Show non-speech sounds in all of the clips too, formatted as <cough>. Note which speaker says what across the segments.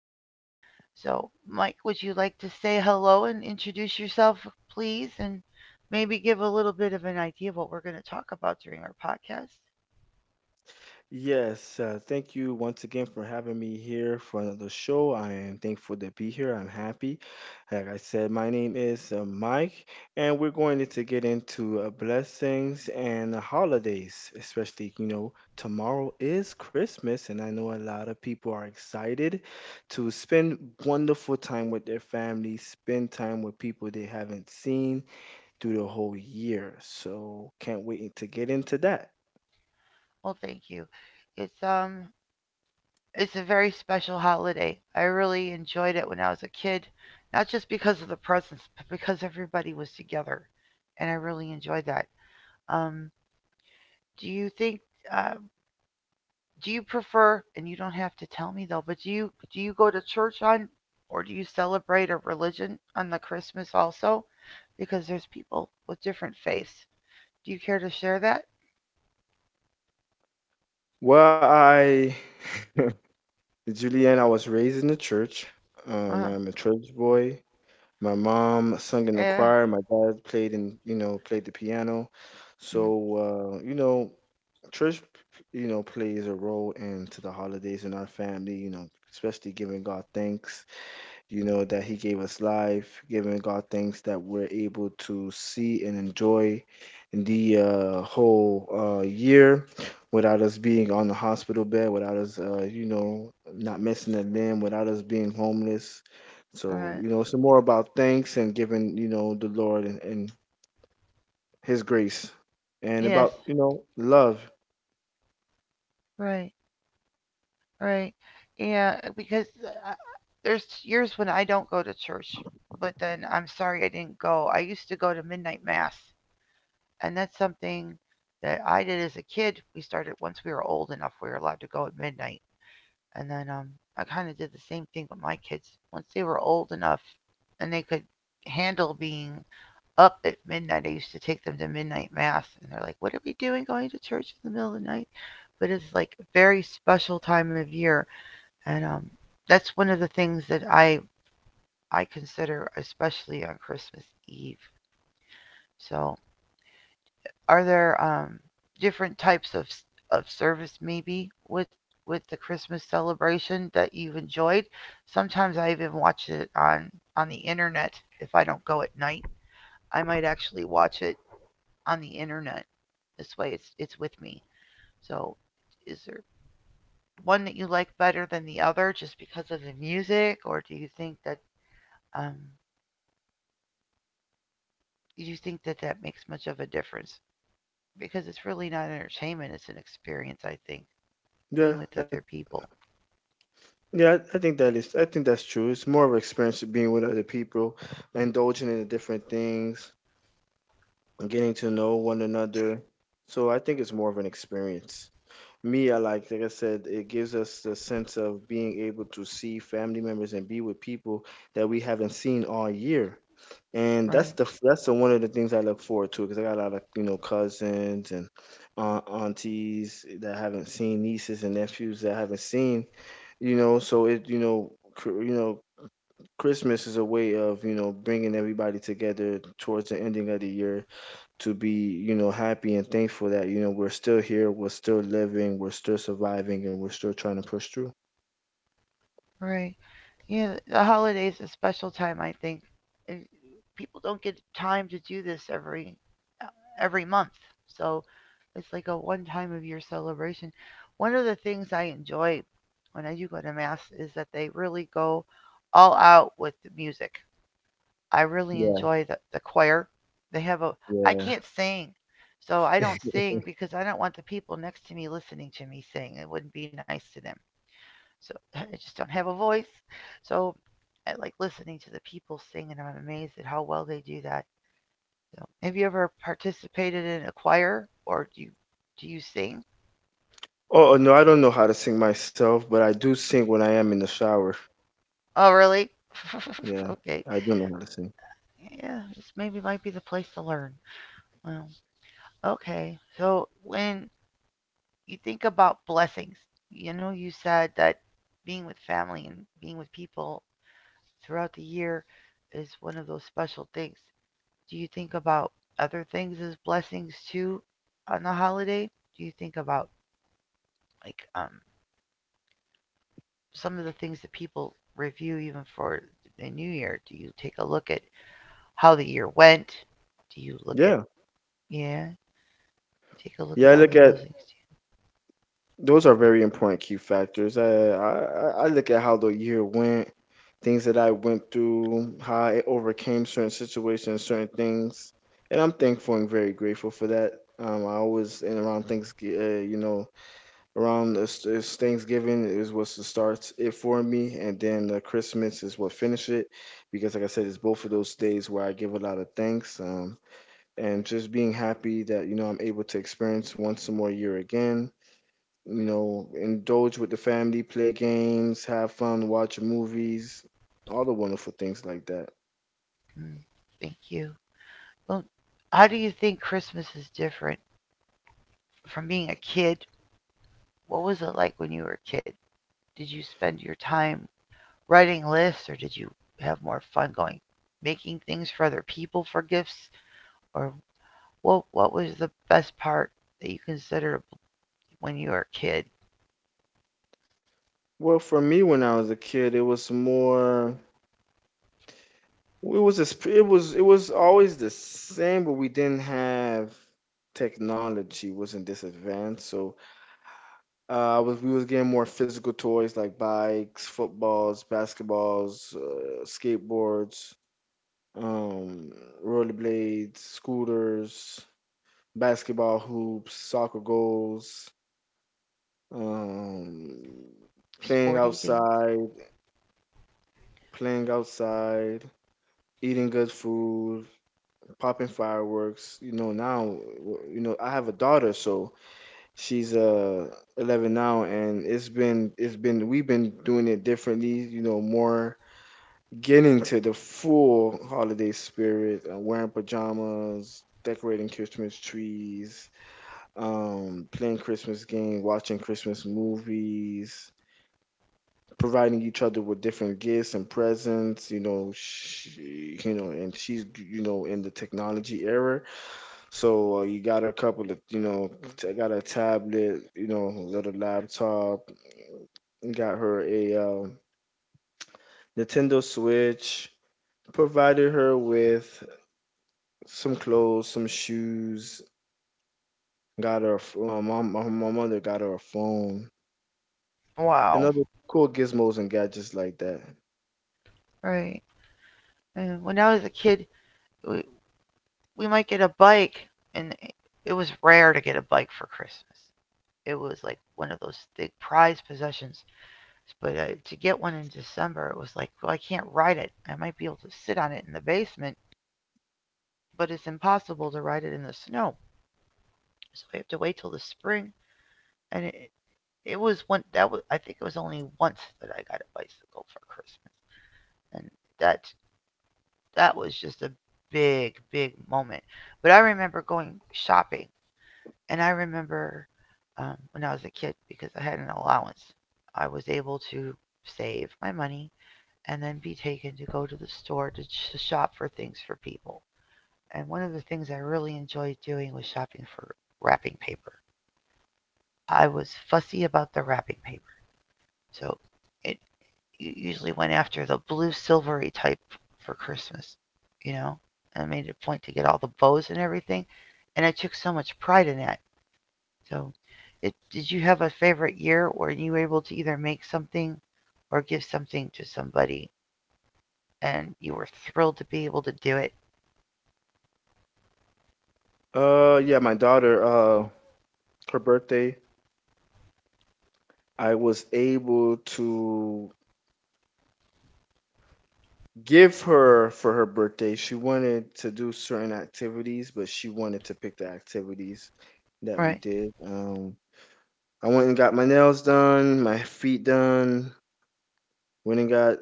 Speaker 1: again. So, Mike, would you like to say hello and introduce yourself, please, and maybe give a little bit of an idea of what we're going to talk about during our podcast?
Speaker 2: Yes, thank you once again for having me here for another show. I am thankful to be here. I'm happy. Like I said, my name is Mike, and we're going to get into blessings and the holidays, especially, you know, tomorrow is Christmas, and I know a lot of people are excited to spend wonderful time with their families, spend time with people they haven't seen through the whole year. So, can't wait to get into that.
Speaker 1: Well, thank you. It's it's a very special holiday. I really enjoyed it when I was a kid, not just because of the presents, but because everybody was together, and I really enjoyed that. Um, do you think uh, do you prefer and you don't have to tell me though but do you go to church on or do you celebrate a religion on the christmas also because there's people with different faiths do you care to share that
Speaker 2: Well, I. <laughs> Julianne, I was raised in the church. Um,
Speaker 1: uh
Speaker 2: I'm a church boy. My mom sung in the
Speaker 1: yeah
Speaker 2: choir. My dad played in, you know, played the piano. So,
Speaker 1: mm,
Speaker 2: you know, church, you know, plays a role into the holidays in our family, you know, especially giving God thanks, you know, that He gave us life, giving God thanks that we're able to see and enjoy the whole year without us being on the hospital bed, without us, you know, not missing a limb, without us being homeless. So,
Speaker 1: right
Speaker 2: you know, it's more about thanks and giving, you know, the Lord and His grace and
Speaker 1: yes
Speaker 2: about, you know, love.
Speaker 1: right right yeah because there's years when I don't go to church but then I'm sorry I didn't go I used to go to midnight mass and that's something that I did as a kid we started once we were old enough we were allowed to go at midnight. And then I kind of did the same thing with my kids. Once they were old enough and they could handle being up at midnight, I used to take them to midnight mass. And they're like, what are we doing going to church in the middle of the night? But it's like a very special time of year. And that's one of the things that I consider especially on Christmas Eve. So are there different types of service maybe with the Christmas celebration that you've enjoyed? Sometimes I even watch it on the internet. If I don't go at night, I might actually watch it on the internet. This way, it's with me. So, is there one that you like better than the other just because of the music, or do you think that um, do you think that that makes much of a difference? Because it's really not entertainment; it's an experience. I think being
Speaker 2: Yeah.
Speaker 1: with
Speaker 2: I,
Speaker 1: other people.
Speaker 2: yeah, I I think that is. I think that's true. It's more of an experience of being with other people, indulging in the different things, and getting to know one another. So I think it's more of an experience. Me, I like I said, it gives us the sense of being able to see family members and be with people that we haven't seen all year. And that's
Speaker 1: Right,
Speaker 2: the that's the, one of the things I look forward to because I got a lot of you know cousins and aunties that I haven't seen, nieces and nephews that I haven't seen, you know. So it you know you know Christmas is a way of, you know, bringing everybody together towards the ending of the year to be, you know, happy and thankful that, you know, we're still here, we're still living, we're still surviving, and we're still trying to push through.
Speaker 1: right. Yeah, the holidays a special time, I think. And people don't get time to do this uh, every month, so it's like a one time of year celebration. One of the things I enjoy when I do go to mass is that they really go all out with the music. I really
Speaker 2: Yeah,
Speaker 1: enjoy the choir. They have a I
Speaker 2: yeah.
Speaker 1: can't sing, so I don't
Speaker 2: <laughs>
Speaker 1: sing because I don't want the people next to me listening to me sing. It wouldn't be nice to them. So <laughs> I just don't have a voice. So I like listening to the people sing, and I'm amazed at how well they do that. So, have you ever participated in a choir, or do you sing?
Speaker 2: Oh, no, I don't know how to sing myself, but I do sing when I am in the shower.
Speaker 1: Oh, really? <laughs>
Speaker 2: Yeah,
Speaker 1: Okay.
Speaker 2: I do know how to sing.
Speaker 1: Yeah, this maybe might be the place to learn. Well, okay. So when you think about blessings, you know, you said that being with family and being with people throughout the year is one of those special things. Do you think about other things as blessings too on the holiday? Do you think about like some of the things that people review even for the new year? Do you take a look at how the year went? Do you look at
Speaker 2: Yeah.
Speaker 1: yeah? Take a look
Speaker 2: Yeah,
Speaker 1: at
Speaker 2: I
Speaker 1: all
Speaker 2: look
Speaker 1: of
Speaker 2: at
Speaker 1: those things.
Speaker 2: those are very important key factors. I look at how the year went, things that I went through, how I overcame certain situations, certain things, and I'm thankful and very grateful for that. I always and around Thanksgiving, you know, around this Thanksgiving is what starts it for me, and then the Christmas is what finish it, because like I said, it's both of those days where I give a lot of thanks. And just being happy that you know I'm able to experience once more year again you know, indulge with the family, play games, have fun, watch movies, all the wonderful things like that.
Speaker 1: Too. Mm, thank you. Well, how do you think Christmas is different from being a kid? What was it like when you were a kid? Did you spend your time writing lists, or did you have more fun going making things for other people for gifts, or what was the best part that you considered when you were a kid?
Speaker 2: Well, for me, when I was a kid, it was more. It was always the same, but we didn't have technology wasn't this advanced. So I was getting more physical toys like bikes, footballs, basketballs, skateboards, um, rollerblades, scooters, basketball hoops, soccer goals, um, playing
Speaker 1: Sporty things.
Speaker 2: outside, playing outside, eating good food, popping fireworks. You know, now, you know, I have a daughter, so she's 11 now, and it's been we've been doing it differently. You know, more getting to the full holiday spirit, wearing pajamas, decorating Christmas trees, playing Christmas games, watching Christmas movies, providing each other with different gifts and presents. You know, she, you know, and she's you know in the technology era, so you got her a couple of you know, I got her a tablet, you know, little laptop, got her a Nintendo Switch, provided her with some clothes, some shoes. Got her, a f- my, my, my mother got her a phone, and
Speaker 1: Wow.
Speaker 2: other cool gizmos and gadgets like that.
Speaker 1: Right. And when I was a kid, we, we might get a bike, and it was rare to get a bike for Christmas. It was like one of those big prize possessions. But to get one in December, it was like, well, I can't ride it. I might be able to sit on it in the basement, but it's impossible to ride it in the snow. So we have to wait till the spring. And it was one that was I think it was only once that I got a bicycle for Christmas, and that that was just a big big moment. But I remember going shopping, and I remember when I was a kid because I had an allowance, I was able to save my money and then be taken to go to the store to shop for things for people. And one of the things I really enjoyed doing was shopping for wrapping paper. I was fussy about the wrapping paper. So it usually went after the blue silvery type for Christmas, you know. I made it a point to get all the bows and everything, and I took so much pride in that. So, it, did you have a favorite year where you were able to either make something or give something to somebody, and you were thrilled to be able to do it?
Speaker 2: Yeah, my daughter, her birthday, I was able to give her for her birthday. She wanted to do certain activities, but she wanted to pick the activities that we
Speaker 1: Right.
Speaker 2: did. I went and got my nails done, my feet done, went and got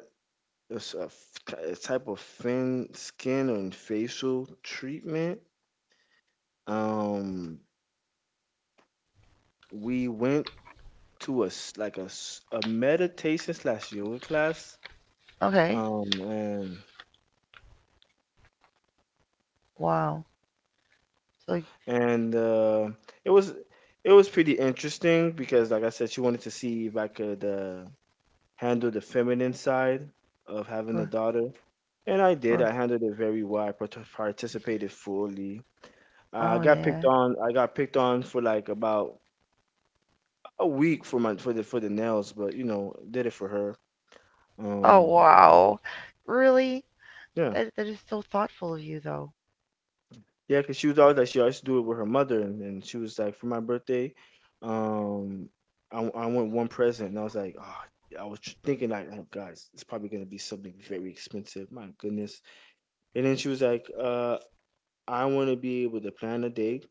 Speaker 2: a, s- a f- a type of fin skin and facial treatment. Um, we went to like a meditation slash yoga class.
Speaker 1: Okay.
Speaker 2: Um, and
Speaker 1: Wow. So,
Speaker 2: and It was it was pretty interesting because, like I said, she wanted to see if I could handle the feminine side of having a daughter, and I did. I handled it very well. I participated fully. I
Speaker 1: oh
Speaker 2: got picked
Speaker 1: yeah.
Speaker 2: on. I got picked on for like about a week for my for the nails, but you know, did it for her.
Speaker 1: Oh
Speaker 2: Um,
Speaker 1: wow. Really?
Speaker 2: yeah.
Speaker 1: That is so thoughtful of you, though.
Speaker 2: Yeah, because she was always like she always do it with her mother, and she was like, for my birthday, um, I I want one present, and I was like, oh, I was thinking like, oh guys, it's probably gonna be something very expensive. My goodness. And then she was like, I want to be able to plan a day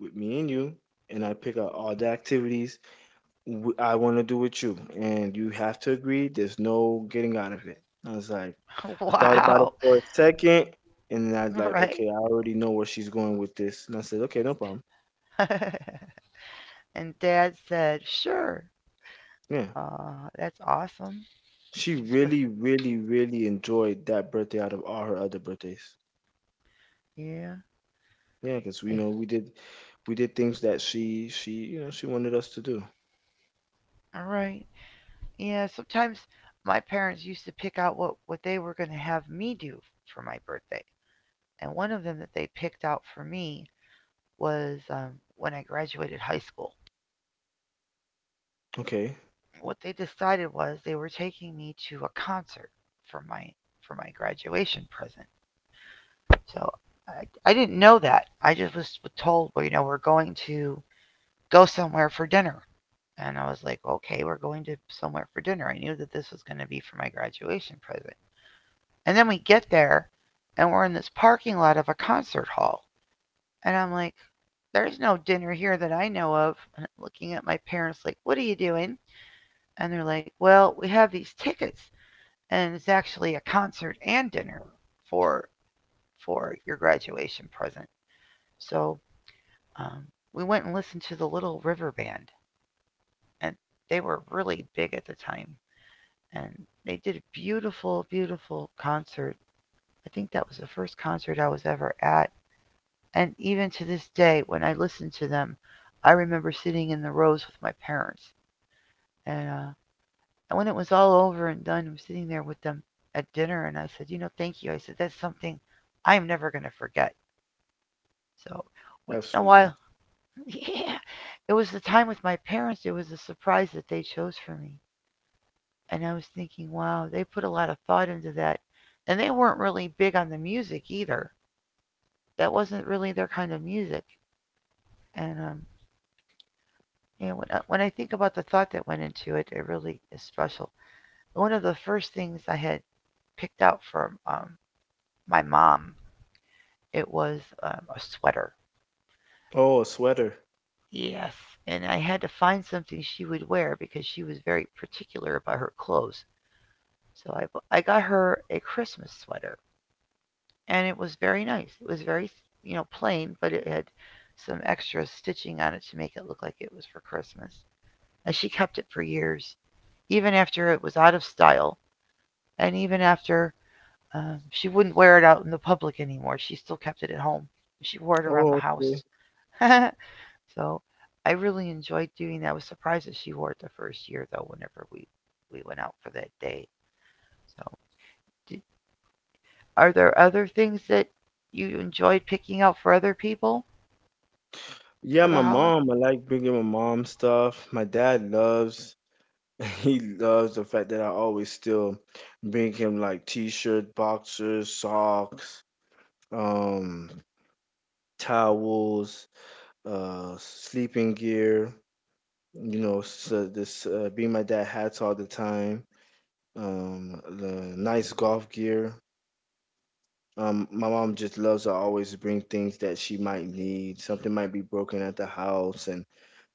Speaker 2: with me and you, and I pick out all the activities, I want to do with you, and you have to agree. There's no getting out of it. I was like,
Speaker 1: <laughs>
Speaker 2: I thought about it
Speaker 1: Wow.
Speaker 2: for a second, and then I was like,
Speaker 1: Right?
Speaker 2: okay, I already know where she's going with this. And I said, okay, no problem.
Speaker 1: <laughs> And dad said, sure.
Speaker 2: Yeah,
Speaker 1: That's awesome.
Speaker 2: she really, really, really enjoyed that birthday out of all her other birthdays.
Speaker 1: Yeah.
Speaker 2: Yeah, because
Speaker 1: Yeah.
Speaker 2: we
Speaker 1: Eh,
Speaker 2: know we did things that she you know she wanted us to do.
Speaker 1: all right. Yeah. Sometimes my parents used to pick out what they were going to have me do for my birthday. And one of them that they picked out for me was when I graduated high school.
Speaker 2: Okay,
Speaker 1: What they decided was they were taking me to a concert for my for my graduation present. So I didn't know that. I just was told, well, you know, we're going to go somewhere for dinner. And I was like, okay, we're going to somewhere for dinner. I knew that this was going to be for my graduation present. And then we get there and we're in this parking lot of a concert hall. And I'm like, there's no dinner here that I know of. And I'm looking at my parents, like, what are you doing? And they're like, well, we have these tickets and it's actually a concert and dinner for for your graduation present. So um, we went and listened to the Little River Band, and they were really big at the time. And they did a beautiful, beautiful concert. I think that was the first concert I was ever at. And even to this day, when I listen to them, I remember sitting in the rows with my parents. And, uh, and when it was all over and done, I'm sitting there with them at dinner, and I said, you know, thank you. I said, that's something I'm never going to forget. So once in a
Speaker 2: absolutely.
Speaker 1: while, <laughs> yeah, it was the time with my parents. It was a surprise that they chose for me. And I was thinking, wow, they put a lot of thought into that. And they weren't really big on the music either. That wasn't really their kind of music. And you know, when I think about the thought that went into it, it really is special. One of the first things I had picked out from my mom, it was a sweater.
Speaker 2: Oh, a sweater.
Speaker 1: Yes. And I had to find something she would wear because she was very particular about her clothes. So I, I got her a Christmas sweater. And it was very nice. It was very, you know, plain, but it had some extra stitching on it to make it look like it was for Christmas. And she kept it for years, even after it was out of style, and even after she wouldn't wear it out in the public anymore. She still kept it at home. She wore it around the
Speaker 2: Oh,
Speaker 1: house.
Speaker 2: okay.
Speaker 1: So I really enjoyed doing that. I was surprised that she wore it the first year, though, whenever we went out for that day. So, d are there other things that you enjoyed picking out for other people
Speaker 2: Yeah,
Speaker 1: for the
Speaker 2: my
Speaker 1: holiday?
Speaker 2: mom. I like bringing my mom stuff. My dad loves <laughs> he loves the fact that I always still bring him like t-shirt, boxers, socks, um, towels, sleeping gear. You know, so this being my dad hats all the time. Um, the nice golf gear. My mom just loves to always bring things that she might need. Something might be broken at the house, and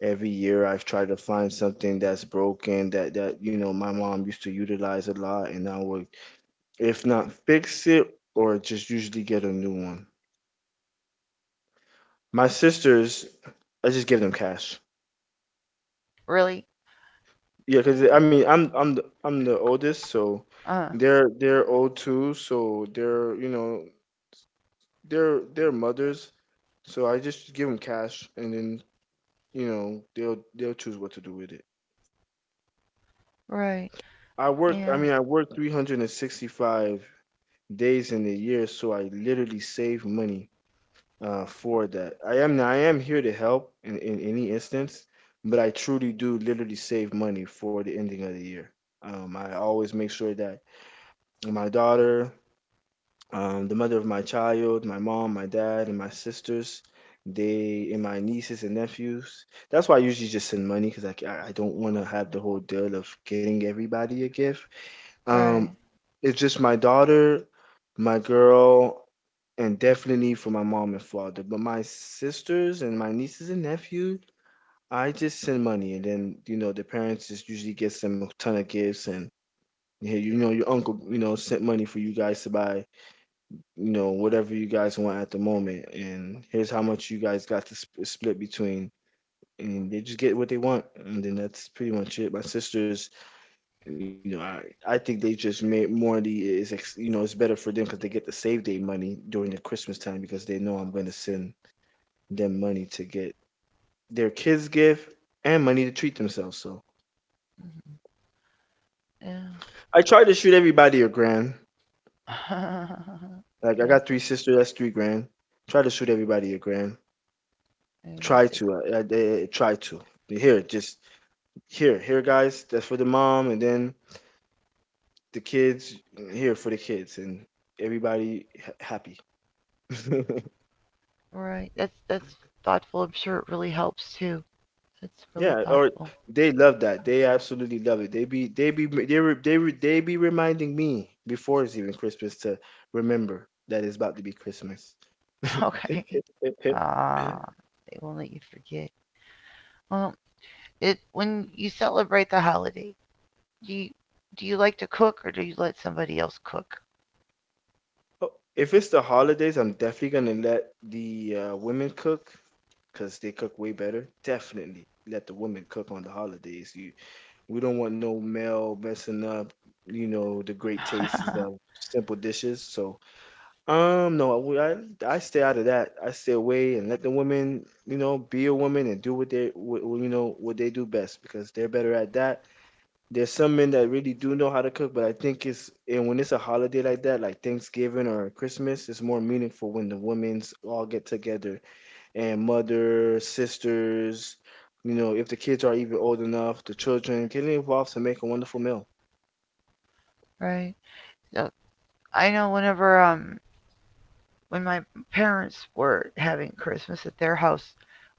Speaker 2: every year I've tried to find something that's broken that that you know my mom used to utilize a lot, and now we're if not, fix it or just usually get a new one. My sisters, I just give them cash.
Speaker 1: Really?
Speaker 2: Yeah, cause I mean, I'm the oldest, so
Speaker 1: Uh,
Speaker 2: they're old too, so they're you know they're mothers, so I just give them cash, and then you know they'll choose what to do with it.
Speaker 1: right.
Speaker 2: I work,
Speaker 1: Yeah,
Speaker 2: I mean, I work 365 days in a year, so I literally save money for that. I am here to help in any instance, but I truly do literally save money for the ending of the year. I always make sure that my daughter, the mother of my child, my mom, my dad, and my sisters, they and my nieces and nephews. That's why I usually just send money because I, c- I don't want to have the whole deal of getting everybody a gift. Um,
Speaker 1: right.
Speaker 2: it's just my daughter, my girl, and definitely for my mom and father. But my sisters and my nieces and nephews, I just send money, and then you know the parents just usually gets them a ton of gifts, and yeah, you know your uncle, you know, sent money for you guys to buy, you know, whatever you guys want at the moment, and here's how much you guys got to split between. And they just get what they want, and then that's pretty much it. My sisters, you know, I think they just made morally is you know it's better for them because they get to save their money during the Christmas time because they know I'm gonna send them money to get their kids gift and money to treat themselves. So
Speaker 1: Mhm, yeah.
Speaker 2: I tried to shoot everybody a grand.
Speaker 1: <laughs>
Speaker 2: Like I got
Speaker 1: Yes,
Speaker 2: three sisters, that's 3 grand. Try to shoot everybody a grand. Try
Speaker 1: that's
Speaker 2: to, I try to. Here, just here, here, guys. That's for the mom, and then the kids. Here for the kids, and everybody ha- happy. <laughs>
Speaker 1: right. That's thoughtful. I'm sure it really helps too. That's really
Speaker 2: Yeah, or
Speaker 1: thoughtful.
Speaker 2: they love that. They absolutely love it. They be they be they re, they re, they be reminding me before it's even Christmas to remember that it's about to be Christmas. <laughs>
Speaker 1: <laughs> Okay. Ah, they won't let you forget. Well, it when you celebrate the holiday, do you do you like to cook or do you let somebody else cook?
Speaker 2: Oh, if it's the holidays, I'm definitely gonna let the women cook because they cook way better. Definitely let the women cook on the holidays. You, we don't want no male messing up, you know, the great tastes of
Speaker 1: <laughs>
Speaker 2: simple dishes. No, I stay out of that. I stay away and let the women, you know, be a woman and do what they, what, you know, what they do best because they're better at that. There's some men that really do know how to cook, but I think it's and when it's a holiday like that, like Thanksgiving or Christmas, it's more meaningful when the women's all get together and mother, sisters, you know, if the kids are even old enough, the children getting involved to make a wonderful meal.
Speaker 1: Right. So I know whenever when my parents were having Christmas at their house,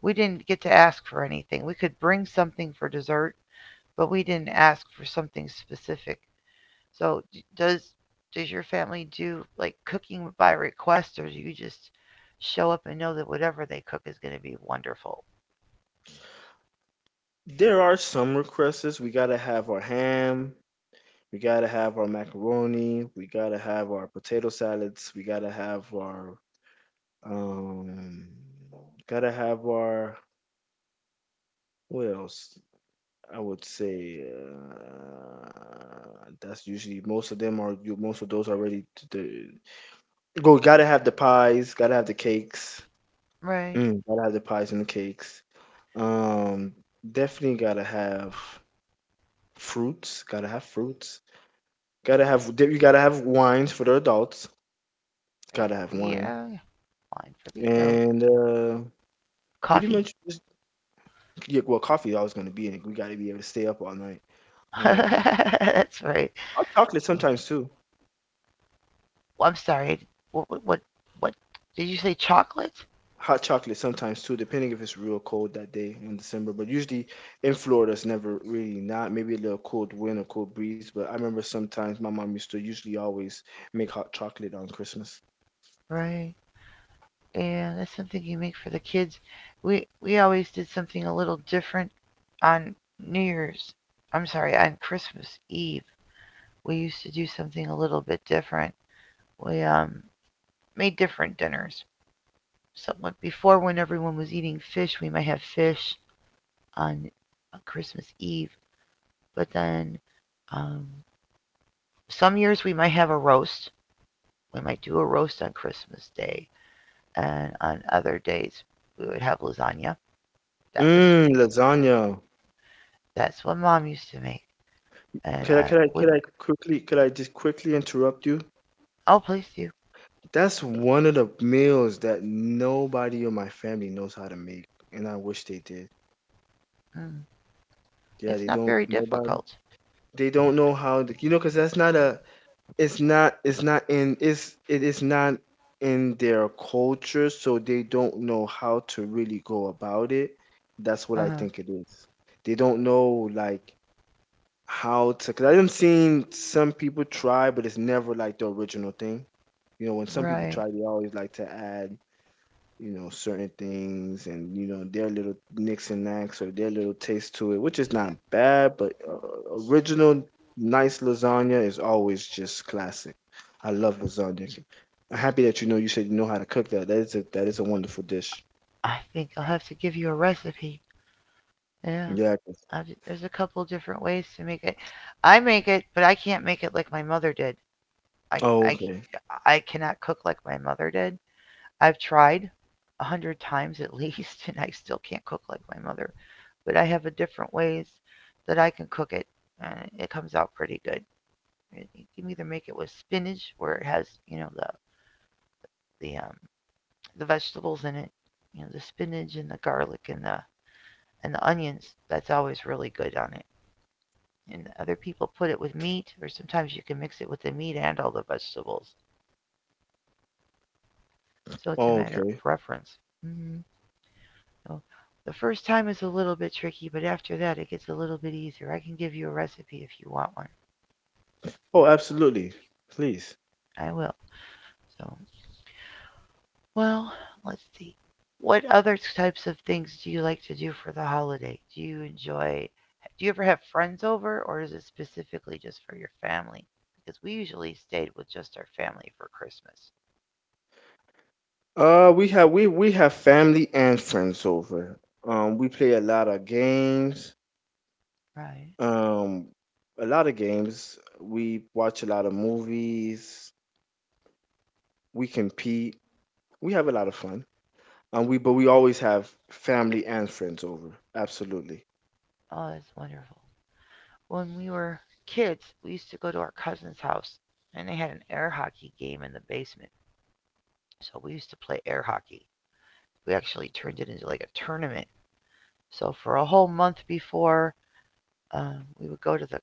Speaker 1: we didn't get to ask for anything. We could bring something for dessert, but we didn't ask for something specific. So, does does your family do like cooking by request, or do you just show up and know that whatever they cook is going to be wonderful?
Speaker 2: There are some requests. We gotta have our ham. We gotta have our macaroni. We gotta have our potato salads. We gotta have our um. Gotta have our what else? I would say that's usually most of them are you most of those are ready to go. Gotta have the pies. Gotta have the cakes.
Speaker 1: Right.
Speaker 2: Gotta have the pies and the cakes. Um, Definitely gotta have fruits. Gotta have fruits. Gotta have. You gotta have wines for the adults.
Speaker 1: Right.
Speaker 2: Gotta have wine.
Speaker 1: Yeah. Wine for the adult.
Speaker 2: And pretty
Speaker 1: Coffee.
Speaker 2: much just Yeah, well, coffee always going to be in it. We got to be able to stay up all night.
Speaker 1: <laughs>
Speaker 2: Um,
Speaker 1: That's right.
Speaker 2: Hot chocolate
Speaker 1: Yeah.
Speaker 2: sometimes too.
Speaker 1: Well, I'm sorry. What? What? Did you say chocolate?
Speaker 2: Hot chocolate sometimes too, depending if it's real cold that day in December. But usually in Florida, it's never really not. Maybe a little cold wind or cold breeze. But I remember sometimes my mom used to usually always make hot chocolate on Christmas.
Speaker 1: Right. And that's something you make for the kids. We always did something a little different on New Year's. I'm sorry, on Christmas Eve. We used to do something a little bit different. We made different dinners. So like, before, when everyone was eating fish, we might have fish on Christmas Eve. But then, um, some years we might have a roast. We might do a roast on Christmas Day, and on other days we would have lasagna. That was
Speaker 2: Mmm, lasagna.
Speaker 1: That's what mom used to make, and
Speaker 2: Could I,
Speaker 1: I
Speaker 2: could I,
Speaker 1: wouldn't.
Speaker 2: could I quickly, could I just quickly interrupt you?
Speaker 1: Oh, please do.
Speaker 2: That's one of the meals that nobody in my family knows how to make, and I wish they did.
Speaker 1: Mm,
Speaker 2: Yeah,
Speaker 1: it's
Speaker 2: they
Speaker 1: not
Speaker 2: don't.
Speaker 1: very difficult.
Speaker 2: Nobody. They don't know how to. You know, because that's not a. It's not. It's not in. It's. It is not in their culture, so they don't know how to really go about it. That's
Speaker 1: Uh
Speaker 2: what I
Speaker 1: huh.
Speaker 2: think it is. They don't know like how to. Because I've seen some people try, but it's never like the original thing. You know, when some
Speaker 1: Right.
Speaker 2: people try, they always like to add, you know, certain things and, you know, their little nicks and knacks or their little taste to it, which is not bad, but original nice lasagna is always just classic. I love lasagna. I'm happy that you know you said you know how to cook that. That is a wonderful dish.
Speaker 1: I think I'll have to give you a recipe. Yeah.
Speaker 2: Yeah.
Speaker 1: I, there's a couple different ways to make it. I make it, but I can't make it like my mother did. I
Speaker 2: Oh,
Speaker 1: I
Speaker 2: okay.
Speaker 1: I cannot cook like my mother did. I've tried 100 times at <laughs> least, and I still can't cook like my mother. But I have a different ways that I can cook it, and it comes out pretty good. You can either make it with spinach, where it has you know the the um, the vegetables in it, you know the spinach and the garlic and the onions. That's always really good on it. And other people put it with meat, or sometimes you can mix it with the meat and all the vegetables. So it's a
Speaker 2: Oh,
Speaker 1: matter
Speaker 2: okay.
Speaker 1: of preference. Mm-hmm. So the first time is a little bit tricky, but after that it gets a little bit easier. I can give you a recipe if you want one.
Speaker 2: Oh, absolutely. Please.
Speaker 1: I will. So Well, let's see. What other types of things do you like to do for the holiday? Do you enjoy, do you ever have friends over, or is it specifically just for your family? Because we usually stayed with just our family for Christmas.
Speaker 2: We have family and friends over. We play a lot of games.
Speaker 1: Right.
Speaker 2: Um, a lot of games. We watch a lot of movies. We compete. We have a lot of fun. But we always have family and friends over. Absolutely.
Speaker 1: Oh, that's wonderful. When we were kids, we used to go to our cousin's house, and they had an air hockey game in the basement. So we used to play air hockey. We actually turned it into like a tournament. So for a whole month before we would go to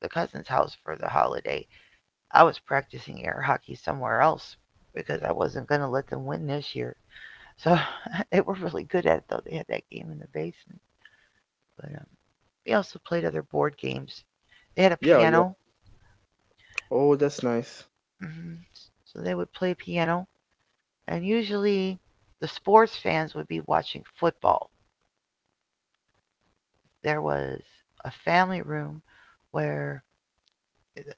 Speaker 1: the cousin's house for the holiday. I was practicing air hockey somewhere else because I wasn't going to let them win this year. So <laughs> they were really good at it, though. They had that game in the basement. But we also played other board games. They had a
Speaker 2: Yeah, yeah.
Speaker 1: piano,
Speaker 2: Oh, that's nice.
Speaker 1: hmm so they would play piano. And usually the sports fans would be watching football. There was a family room where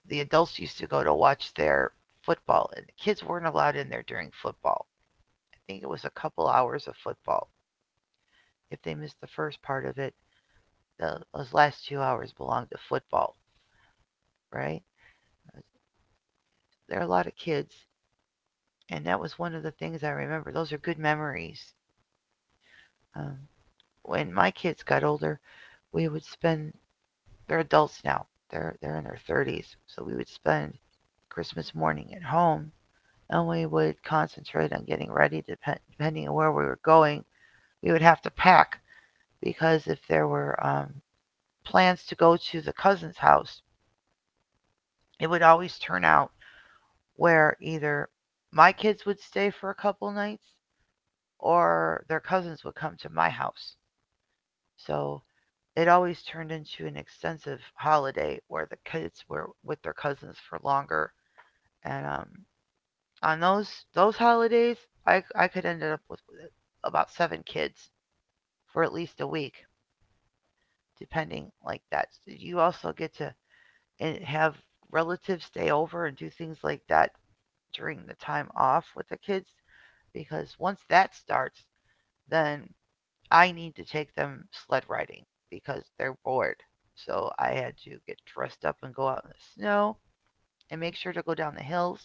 Speaker 1: the adults used to go to watch their football, and the kids weren't allowed in there during football. I think it was a couple hours of football. If they missed the first part of it, the, those last 2 hours belonged to football, right? There are a lot of kids, and that was one of the things I remember. Those are good memories. Um, when my kids got older, we would spend. They're adults now. They're in their 30s, so we would spend Christmas morning at home and we would concentrate on getting ready. Depending on where we were going, we would have to pack because if there were plans to go to the cousin's house, it would always turn out where either my kids would stay for a couple nights or their cousins would come to my house. So it always turned into an extensive holiday where the kids were with their cousins for longer. And on those holidays, I could end up with about seven kids for at least a week, depending like that. So you also get to and have relatives stay over and do things like that during the time off with the kids because once that starts, then I need to take them sled riding because they're bored. So I had to get dressed up and go out in the snow and make sure to go down the hills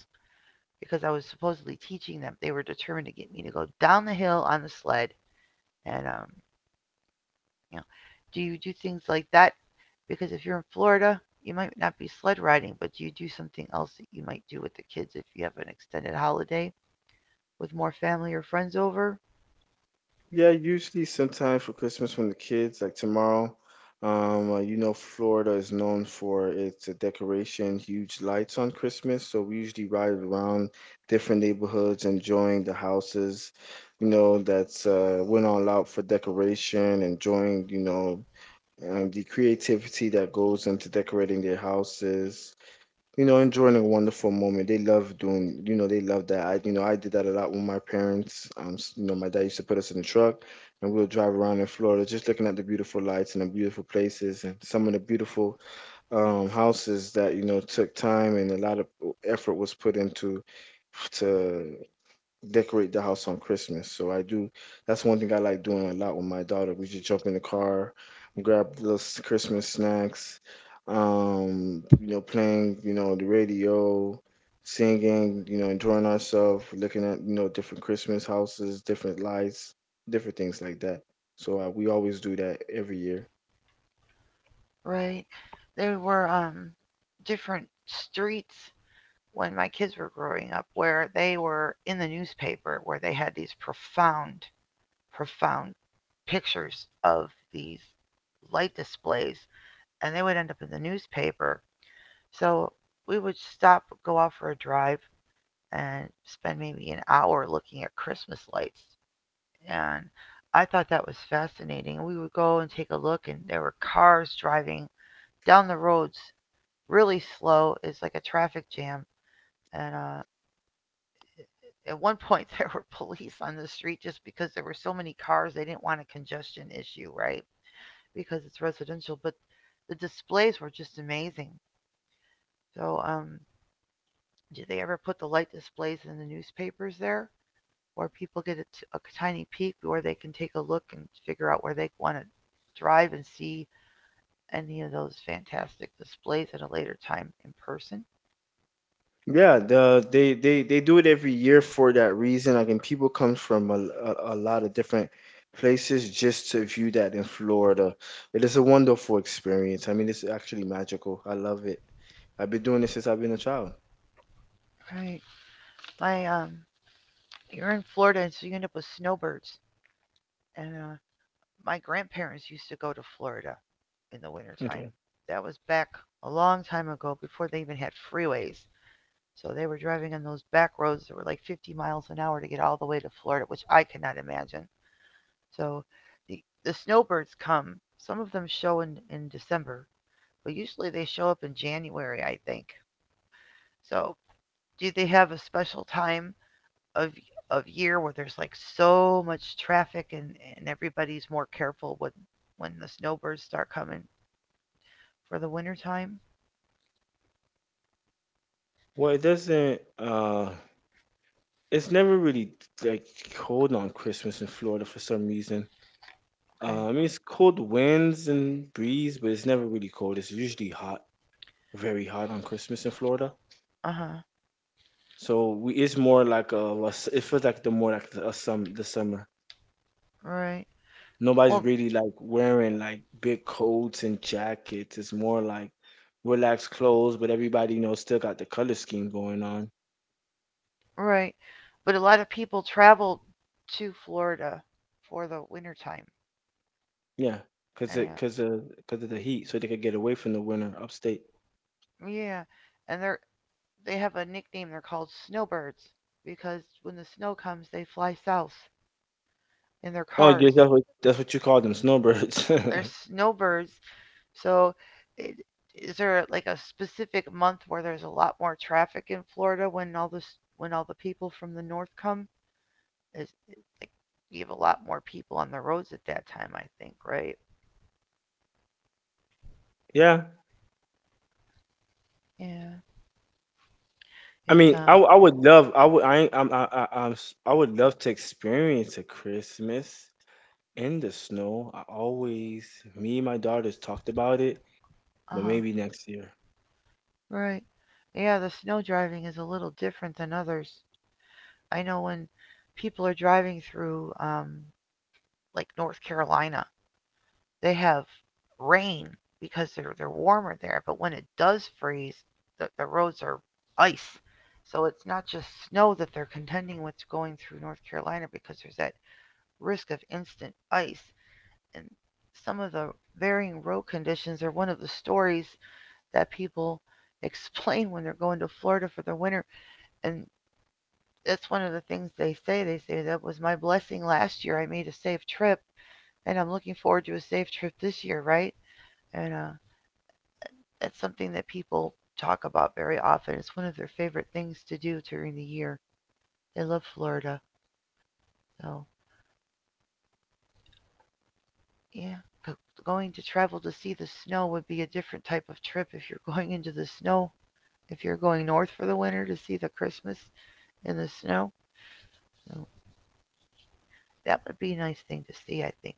Speaker 1: because I was supposedly teaching them. They were determined to get me to go down the hill on the sled, and you know, do you do things like that? Because if you're in Florida, you might not be sled riding, but do you do something else that you might do with the kids if you have an extended holiday with more family or friends over?
Speaker 2: Yeah, usually sometime for Christmas when the kids, like tomorrow, you know, Florida is known for its decoration, huge lights on Christmas. So we usually ride around different neighborhoods, enjoying the houses, you know, that's went all out for decoration, enjoying, you know, the creativity that goes into decorating their houses, you know, enjoying a wonderful moment. They love doing, you know, they love that. I, you know, I did that a lot with my parents. You know, my dad used to put us in the truck and we would drive around in Florida, just looking at the beautiful lights and the beautiful places and some of the beautiful houses that, you know, took time and a lot of effort was put into to decorate the house on Christmas. So I do. That's one thing I like doing a lot with my daughter. We just jump in the car, grab little Christmas snacks, you know, playing, you know, the radio, singing, you know, enjoying ourselves, looking at, you know, different Christmas houses, different lights, different things like that. So we always do that every year.
Speaker 1: Right. There were different streets when my kids were growing up where they were in the newspaper where they had these profound pictures of these light displays and they would end up in the newspaper. So we would stop, go out for a drive, and spend maybe an hour looking at Christmas lights. And I thought that was fascinating. We would go and take a look, and there were cars driving down the roads really slow. It's like a traffic jam. And at one <laughs> point, there were police on the street just because there were so many cars. They didn't want a congestion issue, right? Because it's residential. But the displays were just amazing. So, did they ever put the light displays in the newspapers there? Where people get a tiny peek where they can take a look and figure out where they want to drive and see any of those fantastic displays at a later time in person.
Speaker 2: Yeah, they do it every year for that reason. Like, and people come from a lot of different places just to view that in Florida. It is a wonderful experience. I mean, it's actually magical. I love it. I've been doing this since I've been a child.
Speaker 1: Right. My you're in Florida, and so you end up with snowbirds. And my grandparents used to go to Florida in the wintertime.
Speaker 2: Okay.
Speaker 1: That was back a long time ago, before they even had freeways. So they were driving on those back roads that were like 50 miles an hour to get all the way to Florida, which I cannot imagine. So the, the snowbirds come. Some of them show in December, but usually they show up in January, I think. So do they have a special time of of year where there's like so much traffic and everybody's more careful when the snowbirds start coming for the winter time?
Speaker 2: Well, it doesn't. It's never really like cold on Christmas in Florida for some reason.
Speaker 1: Okay.
Speaker 2: I mean, it's cold winds and breeze, but it's never really cold. It's usually hot, very hot on Christmas in Florida.
Speaker 1: Uh-huh.
Speaker 2: So it's more like it feels like the more like the, a sum the summer.
Speaker 1: Right.
Speaker 2: Nobody's
Speaker 1: Well,
Speaker 2: really like wearing like big coats and jackets. It's more like relaxed clothes, but everybody you know still got the color scheme going on.
Speaker 1: right. But a lot of people travel to Florida for the winter time.
Speaker 2: Yeah, cause
Speaker 1: And
Speaker 2: it cause of cause of the heat, so they could get away from the winter upstate.
Speaker 1: yeah, and they have a nickname. They're called snowbirds because when the snow comes, they fly south in their
Speaker 2: Oh, yeah,
Speaker 1: cars.
Speaker 2: that's what you call them, snowbirds. <laughs>
Speaker 1: They're snowbirds. So, i- is there like a specific month where there's a lot more traffic in Florida when all this when all the people from the north come? Is like you have a lot more people on the roads at that time, I think, right?
Speaker 2: Yeah,
Speaker 1: Yeah,
Speaker 2: I
Speaker 1: it's
Speaker 2: mean, I, w- I would love I would I ain't- I'm I I'm s- I would love to experience a Christmas in the snow. I always, me and my daughters talked about it,
Speaker 1: uh
Speaker 2: but
Speaker 1: huh,
Speaker 2: maybe next year.
Speaker 1: right. Yeah, the snow driving is a little different than others. I know when people are driving through like North Carolina, they have rain because they're warmer there. But when it does freeze, the roads are ice. So it's not just snow that they're contending with going through North Carolina because there's that risk of instant ice. And some of the varying road conditions are one of the stories that people <laughs> explain when they're going to Florida for the winter. And that's one of the things they say. They say that was my blessing last year. I made a safe trip and I'm looking forward to a safe trip this year, right? And that's something that people talk about very often. It's one of their favorite things to do during the year. They love Florida. So, yeah, going to travel to see the snow would be a different type of trip if you're <laughs> going into the snow. If you're going north for the winter to see the Christmas in the snow, so that would be a nice thing to see, I think.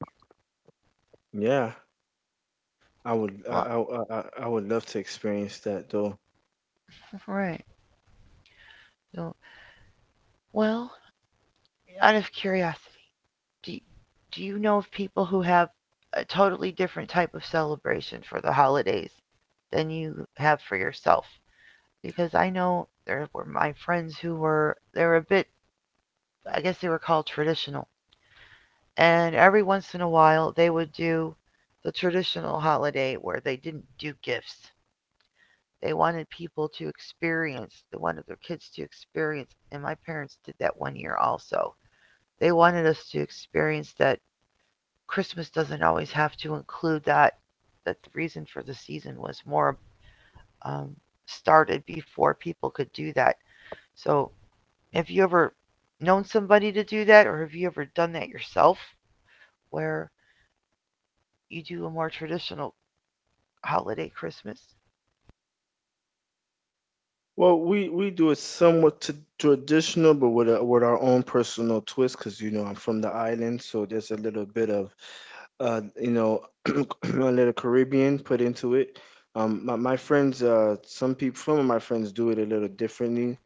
Speaker 2: Yeah,
Speaker 1: Lo-
Speaker 2: I would love to experience that though.
Speaker 1: Right. So, well, out of curiosity, do, do you know of people who have a totally different type of celebration for the holidays than you have for yourself? Because I know there were my friends who were they were a bit I guess they were called traditional. And every once in a while they would do the traditional holiday where they didn't do gifts. They wanted people to experience, they wanted their kids to experience, and my parents did that one year also. They wanted us to experience that Christmas doesn't always have to include that. That the reason for the season was more um, started before people could do that. So, have you ever known somebody to do that, or have you ever done that yourself, where you do a more traditional holiday Christmas?
Speaker 2: Well, we do it somewhat traditional, but with with our own personal twist, because you know I'm from the island, so there's a little bit of, you know, <clears throat> a little Caribbean put into it. My friends, some people, some of my friends do it a little differently,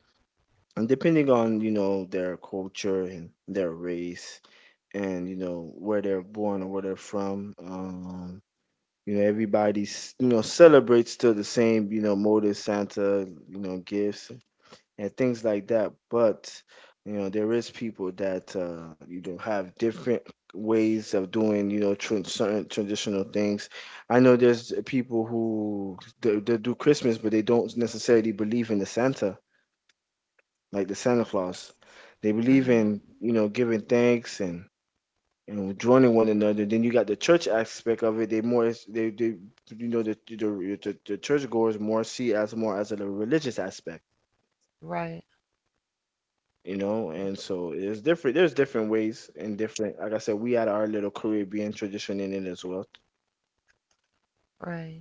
Speaker 2: and depending on you know their culture and their race and you know where they're born or where they're from. You know, everybody's you know celebrates still the same you know motive, Santa, you know gifts and things like that. But you know, there is people that you know have different ways of doing you know certain traditional things. I know there's people who they do Christmas, but they don't necessarily believe in the Santa, like the Santa Claus. They
Speaker 1: hmm
Speaker 2: believe in you know giving thanks and you know joining one another. Then you got the church aspect of it. They you know the churchgoers more see as more as a religious aspect,
Speaker 1: Right,
Speaker 2: you know. And so it's different. There's different ways and different. Like I said, we had our little Caribbean tradition in it as well,
Speaker 1: right.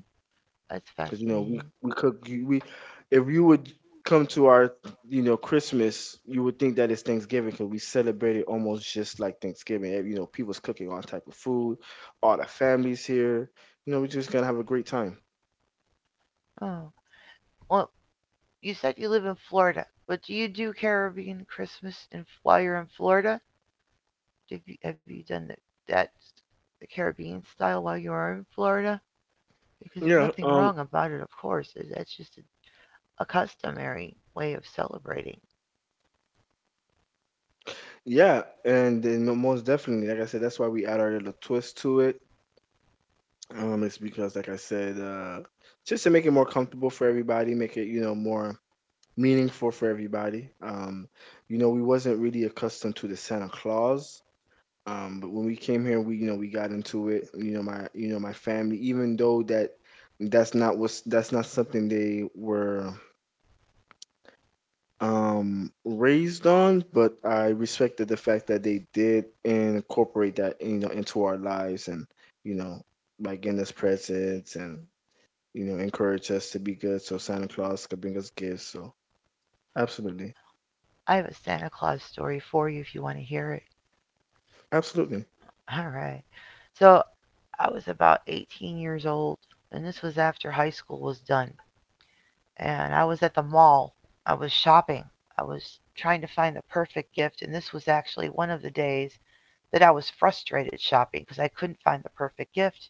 Speaker 1: That's
Speaker 2: because you know we
Speaker 1: fascinating.
Speaker 2: we cook. We If you would come to our you know Christmas, you would think that it's Thanksgiving, because we celebrate it almost just like Thanksgiving. Eh, you know people's cooking all type of food, all the families here, you know we're just gonna have a great time.
Speaker 1: Oh, well, you said you live in Florida, but do you do Caribbean Christmas and while you're in Florida? Have you done that the Caribbean style while you are in Florida? Because there's
Speaker 2: Yeah,
Speaker 1: nothing wrong about it, of course. That's just a customary way of celebrating.
Speaker 2: yeah, and then most definitely, like I said, that's why we add our little twist to it. It's because, like I said, just to make it more comfortable for everybody, make it, you know, more meaningful for everybody. You know, we wasn't really accustomed to the Santa Claus. But when we came here, we, you know, we got into it. You know, my family, even though that that's not something they were raised on. But I respected the fact that they did incorporate that, you know, into our lives and, you know, like in this presents and, you know, encourage us to be good so Santa Claus could bring us gifts. So absolutely.
Speaker 1: I have a Santa Claus story for you if you want to hear it.
Speaker 2: Absolutely.
Speaker 1: <laughs> All right. So I was about 18 years old, and this was after high school was done. And I was at the mall. I was shopping. I was trying to find the perfect gift, and this was actually one of the days that I was frustrated shopping because I couldn't find the perfect gift.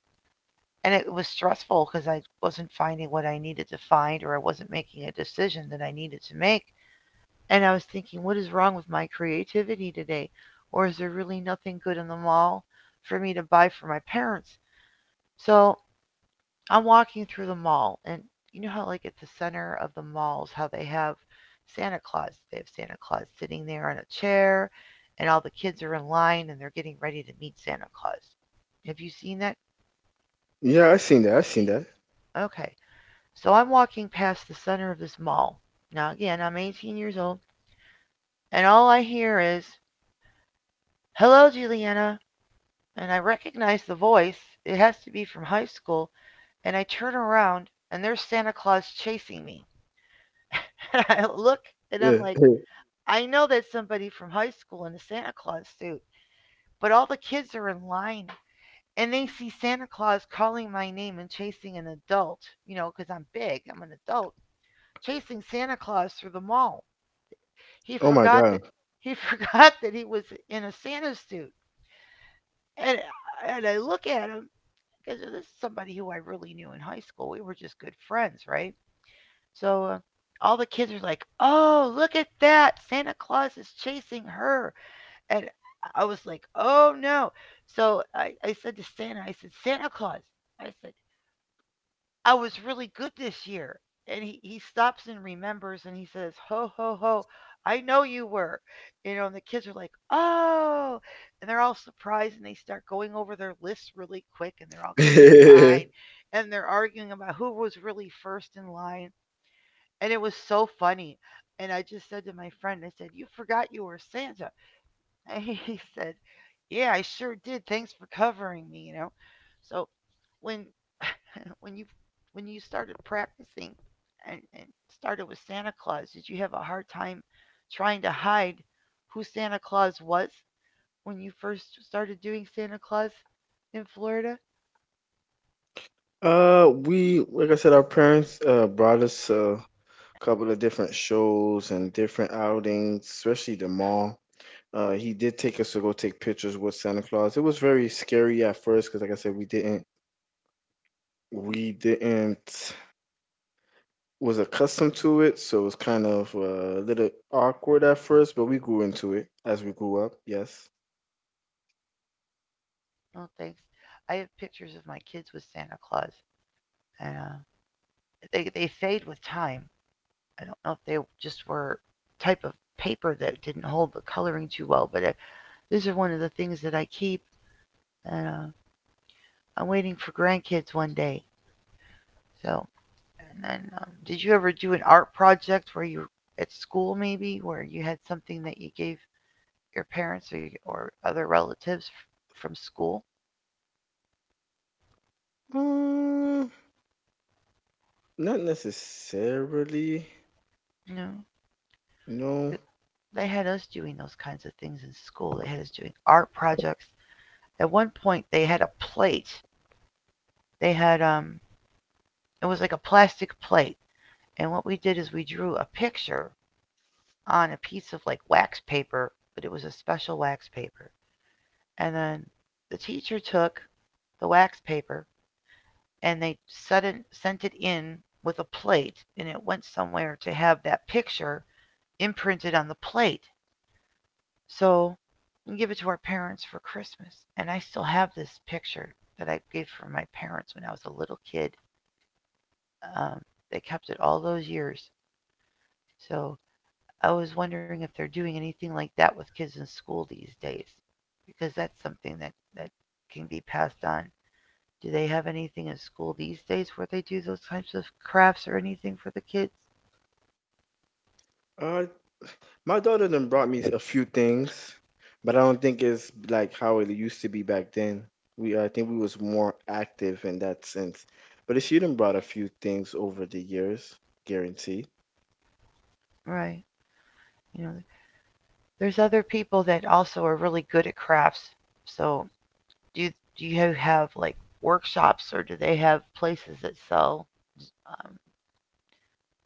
Speaker 1: And it was stressful because I wasn't finding what I needed to find or I wasn't making a decision that I needed to make. And I was thinking, what is wrong with my creativity today? Or is there really nothing good in the mall for me to buy for my parents? So I'm walking through the mall, and you know how, like, at the center of the malls, how they have Santa Claus? They have Santa Claus sitting there on a chair, and all the kids are in line and they're getting ready to meet Santa Claus. Have you seen that?
Speaker 2: Yeah, I seen that.
Speaker 1: Okay. So I'm walking past the center of this mall. Now, again, I'm 18 years old, and all I hear is, "Hello, Juliana." And I recognize the voice. It has to be from high school. And I turn around, and there's Santa Claus chasing me. <laughs> And I look, and
Speaker 2: Yeah.
Speaker 1: I'm like, I know that's somebody from high school in a Santa Claus suit, but all the kids are in line and they see Santa Claus calling my name and chasing an adult, you know, because 'cause I'm big, I'm an adult, chasing Santa Claus through the mall. He
Speaker 2: <laughs> Oh my
Speaker 1: forgot
Speaker 2: god.
Speaker 1: that he <laughs> forgot that he was in a Santa suit. And and I look at him because this is somebody who I really knew in high school. We were just good friends, right? So all the kids are like, "Oh, look at that! Santa Claus is chasing her!" And I was like, "Oh no!" So I said to Santa, I said, "Santa Claus," I said, I was really good this year. And he stops and remembers and he says, "Ho, ho, ho, I know you were." You know, and the kids are like, "Oh." And they're all surprised and they start going over their lists really quick and they're all getting in line
Speaker 2: <laughs>
Speaker 1: and they're arguing about who was really first in line. And it was so funny. And I just said to my friend, I said, "You forgot you were Santa." <laughs> And he said, "Yeah, I sure did. Thanks for covering me, you know." So when <clears throat> when you when you started practicing and started with Santa Claus, did you have a hard time trying to hide who Santa Claus was when you first started doing Santa Claus in Florida?
Speaker 2: We, like I said, our parents brought us a couple of different shows and different outings, especially the mall. He did take us to go take pictures with Santa Claus. It was very scary at first because, like I said, we didn't was accustomed to it, so it was kind of a little awkward at first. But we grew into it as we grew up. Yes.
Speaker 1: No, thanks. I have pictures of my kids with Santa Claus, and they fade with time. I don't know if they just were type of paper that didn't hold the coloring too well, but these are one of the things that I keep. And I'm waiting for grandkids one day, so. And then, did you ever do an art project where you at school maybe where you had something that you gave your parents or other relatives from school?
Speaker 2: uh, Not necessarily.
Speaker 1: You know,
Speaker 2: No.
Speaker 1: Th- they had us doing those kinds of things in school. They had us doing art projects. At one point, they had a plate. They had it was like a plastic plate, and what we did is we drew a picture on a piece of like wax paper, but it was a special wax paper. And then the teacher took the wax paper and they set it, sent it in with a plate, and it went somewhere to have that picture imprinted on the plate. So we give it to our parents for Christmas. And I still have this picture that I gave for my parents when I was a little kid. Um, they kept it all those years. So I was wondering if they're doing anything like that with kids in school these days, because that's something that can be passed on. Do they have anything at school these days where they do those types of crafts or anything for the kids?
Speaker 2: Uh, My daughter done brought me a few things, but I don't think it's like how it used to be back then. We I think we was more active in that sense. But she done brought a few things over the years, guaranteed.
Speaker 1: Right. You know, there's other people that also are really good at crafts. So, do do you have like workshops or do they have places that sell um,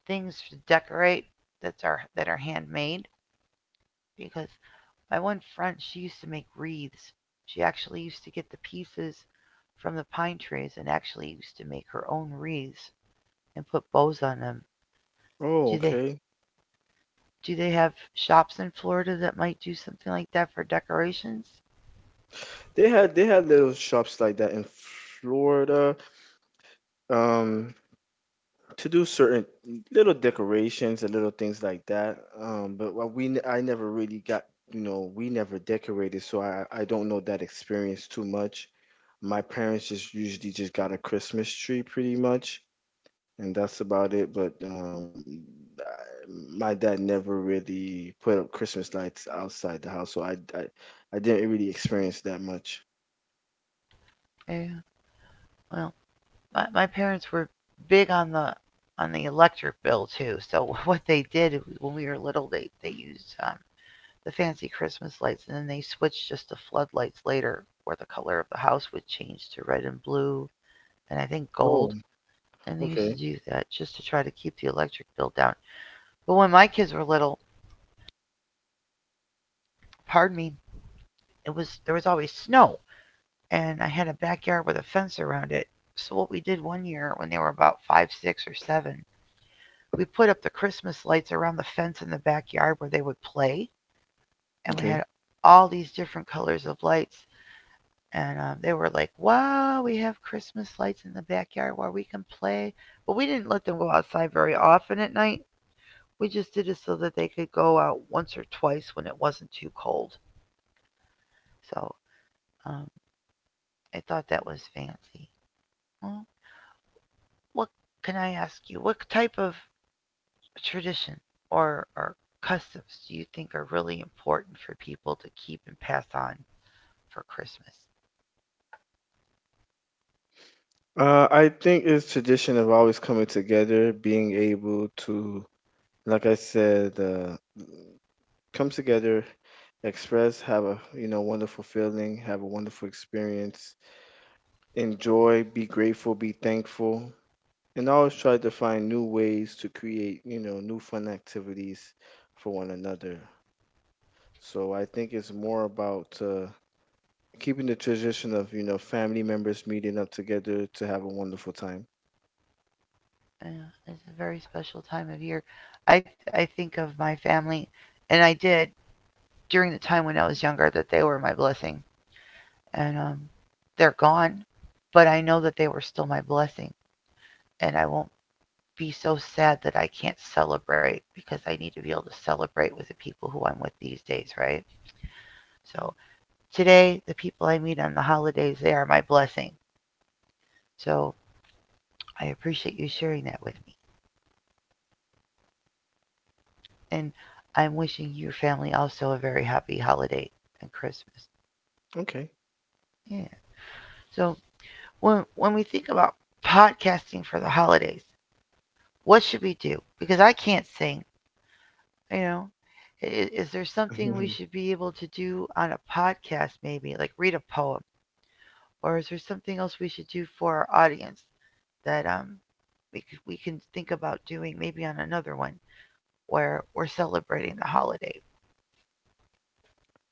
Speaker 1: things to decorate that are handmade? Because my one friend, she used to make wreaths. She actually used to get the pieces from the pine trees and actually used to make her own wreaths and put bows on them.
Speaker 2: Oh,
Speaker 1: Do they
Speaker 2: okay.
Speaker 1: do they have shops in Florida that might do something like that for decorations?
Speaker 2: They had little shops like that in Florida, um, to do certain little decorations and little things like that. But what we n- I never really got, you know, we never decorated, so I don't know that experience too much. My parents just usually just got a Christmas tree pretty much, and that's about it. But I, my dad never really put up Christmas lights outside the house, so I didn't really experience that much.
Speaker 1: Yeah. Well, my parents were big on the electric bill too. So <laughs> what they did when we were little, they used the fancy Christmas lights, and then they switched just to floodlights later, where the color of the house would change to red and blue, and I think gold.
Speaker 2: Oh,
Speaker 1: And they used to
Speaker 2: okay,
Speaker 1: do that just to try to keep the electric bill down. But when my kids were little, pardon me, it was there was always snow and I had a backyard with a fence around it. So what we did one year when they were about five, six, or seven, we put up the Christmas lights around the fence in the backyard where they would play, and we had
Speaker 2: okay.
Speaker 1: all these different colors of lights. And they were like, "Wow, we have Christmas lights in the backyard where we can play." But we didn't let them go outside very often at night. We just did it so that they could go out once or twice when it wasn't too cold. So um, I thought that was fancy. Well, what can I ask you? What type of tradition or customs do you think are really important for people to keep and pass on for Christmas?
Speaker 2: I think it's tradition of always coming together, being able to, like I said, come together, express, have a wonderful feeling, have a wonderful experience enjoy, be grateful, be thankful, and always try to find new ways to create, new fun activities for one another. So I think it's more about keeping the tradition of, family members meeting up together to have a wonderful time.
Speaker 1: Uh, it's a very special time of year. I think of my family, and I did during the time when I was younger that they were my blessing, and they're gone, but I know that they were still my blessing, and I won't be so sad that I can't celebrate because I need to be able to celebrate with the people who I'm with these days, right? So today, the people I meet on the holidays, they are my blessing. So I appreciate you sharing that with me. And I'm wishing your family also a very happy holiday and Christmas.
Speaker 2: Okay.
Speaker 1: Yeah. So when we think about podcasting for the holidays, what should we do? Because I can't sing, you know. I- Is there something we
Speaker 2: <laughs>
Speaker 1: should be able to do on a podcast maybe, like read a poem? Or is there something else we should do for our audience that we, we can think about doing maybe on another one, where we're celebrating the holiday.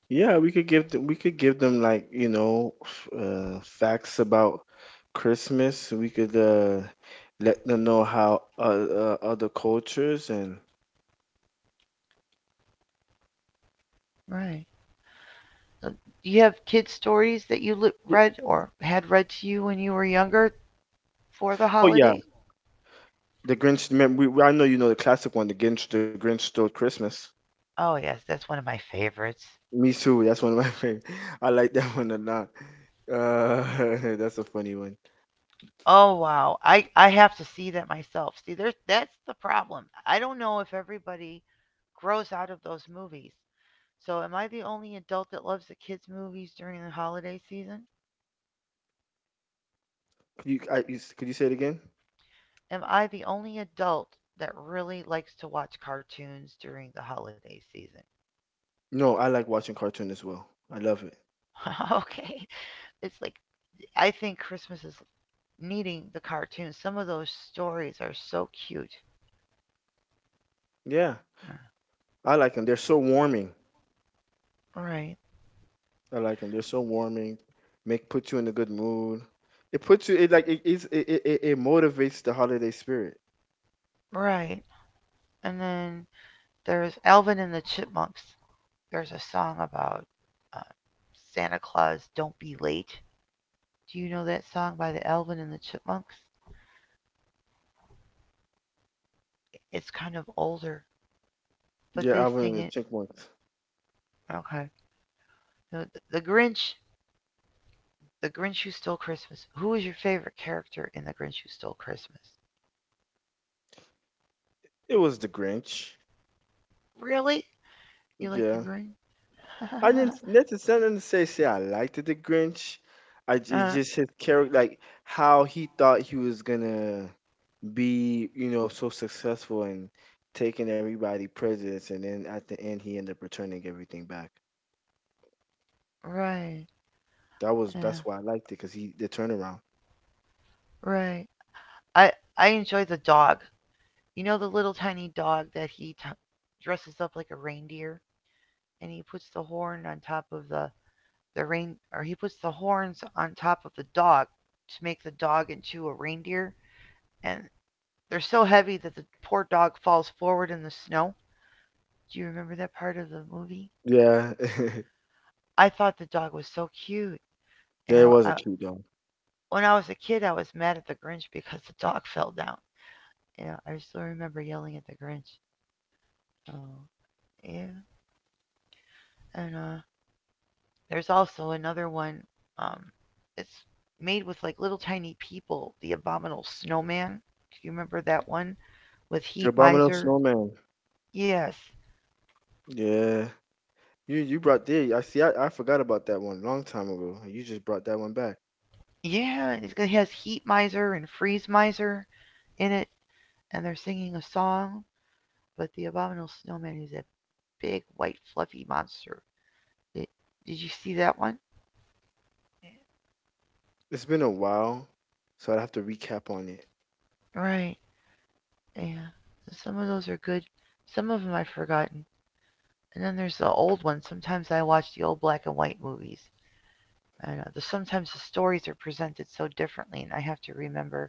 Speaker 2: Yeah, we could give them like, facts about Christmas. We could let them know how other cultures and
Speaker 1: Right. So do you have kid stories that you
Speaker 2: Yeah.
Speaker 1: read or had read to you when you were younger for the
Speaker 2: Oh yeah,
Speaker 1: holiday?
Speaker 2: the Grinch. I know you know the classic one, the Grinch. The Grinch stole Christmas.
Speaker 1: Oh yes, that's one of my favorites.
Speaker 2: Me too. That's one of my <laughs> favorite. I like that one a lot. Uh, <laughs> that's a funny one.
Speaker 1: Oh wow, I have to see that myself. See, there's that's the problem. I don't know if everybody grows out of those movies. So am I the only adult that loves the kids movies during the holiday season?
Speaker 2: Could you say it again?
Speaker 1: Am I the only adult that really likes to watch cartoons during the holiday season?
Speaker 2: No, I like watching cartoon as well. I love it.
Speaker 1: <laughs> Okay. It's like I think Christmas is needing the cartoons. Some of those stories are so cute.
Speaker 2: Yeah, I like them. They're so warming.
Speaker 1: Right,
Speaker 2: I like them. They're so warming. Make put you in a good mood. It puts you. It like it is. It motivates the holiday spirit.
Speaker 1: right. And then there's Alvin and the Chipmunks. There's a song about uh, Santa Claus, Don't Be Late. Do you know that song by the Alvin and the Chipmunks? It's kind of older, but
Speaker 2: Yeah, I
Speaker 1: they
Speaker 2: went in
Speaker 1: sing
Speaker 2: the
Speaker 1: it.
Speaker 2: chipmunks.
Speaker 1: Okay. No, The Grinch, The Grinch Who Stole Christmas. Who is your favorite character in The Grinch Who Stole Christmas?
Speaker 2: It was the Grinch.
Speaker 1: Really? You like The
Speaker 2: Yeah,
Speaker 1: Grinch?
Speaker 2: I didn't necessarily say I liked the Grinch.
Speaker 1: <laughs>
Speaker 2: It's
Speaker 1: uh,
Speaker 2: just his character, like how he thought he was gonna be, so successful and taking everybody presents, and then at the end he ended up returning everything back.
Speaker 1: Right.
Speaker 2: That was
Speaker 1: Yeah.
Speaker 2: that's why I liked it because he the turnaround.
Speaker 1: Right. I I enjoy the dog. You know the little tiny dog that he dresses up like a reindeer and he puts the horn on top of the rein or he puts the horns on top of the dog to make the dog into a reindeer and they're so heavy that the poor dog falls forward in the snow. Do you remember that part of the movie?
Speaker 2: Yeah, <laughs>
Speaker 1: I thought the dog was so cute and
Speaker 2: yeah, it was a
Speaker 1: I
Speaker 2: cute dog.
Speaker 1: when I was a kid I was mad at the Grinch because the dog <laughs> fell down. Yeah, I still remember yelling at the Grinch. So yeah, and there's also another one. Um, it's made with like little tiny people. The Abominable Snowman. Do you remember that one with
Speaker 2: The
Speaker 1: Heat
Speaker 2: Abominable
Speaker 1: Miser?
Speaker 2: Snowman.
Speaker 1: Yes.
Speaker 2: Yeah, you brought the I see. I forgot about that one long time ago. You just brought that one back.
Speaker 1: Yeah, it has Heat Miser and Freeze Miser in it, and they're singing a song. But the Abominable Snowman is a big white fluffy monster. Did, did you see that one?
Speaker 2: It's been a while, so I'd have to recap on it.
Speaker 1: Right. Yeah. Some of those are good. Some of them I've forgotten. And then there's the old one. Sometimes I watch the old black and white movies. I don't know. Sometimes the stories are presented so differently, and I have to remember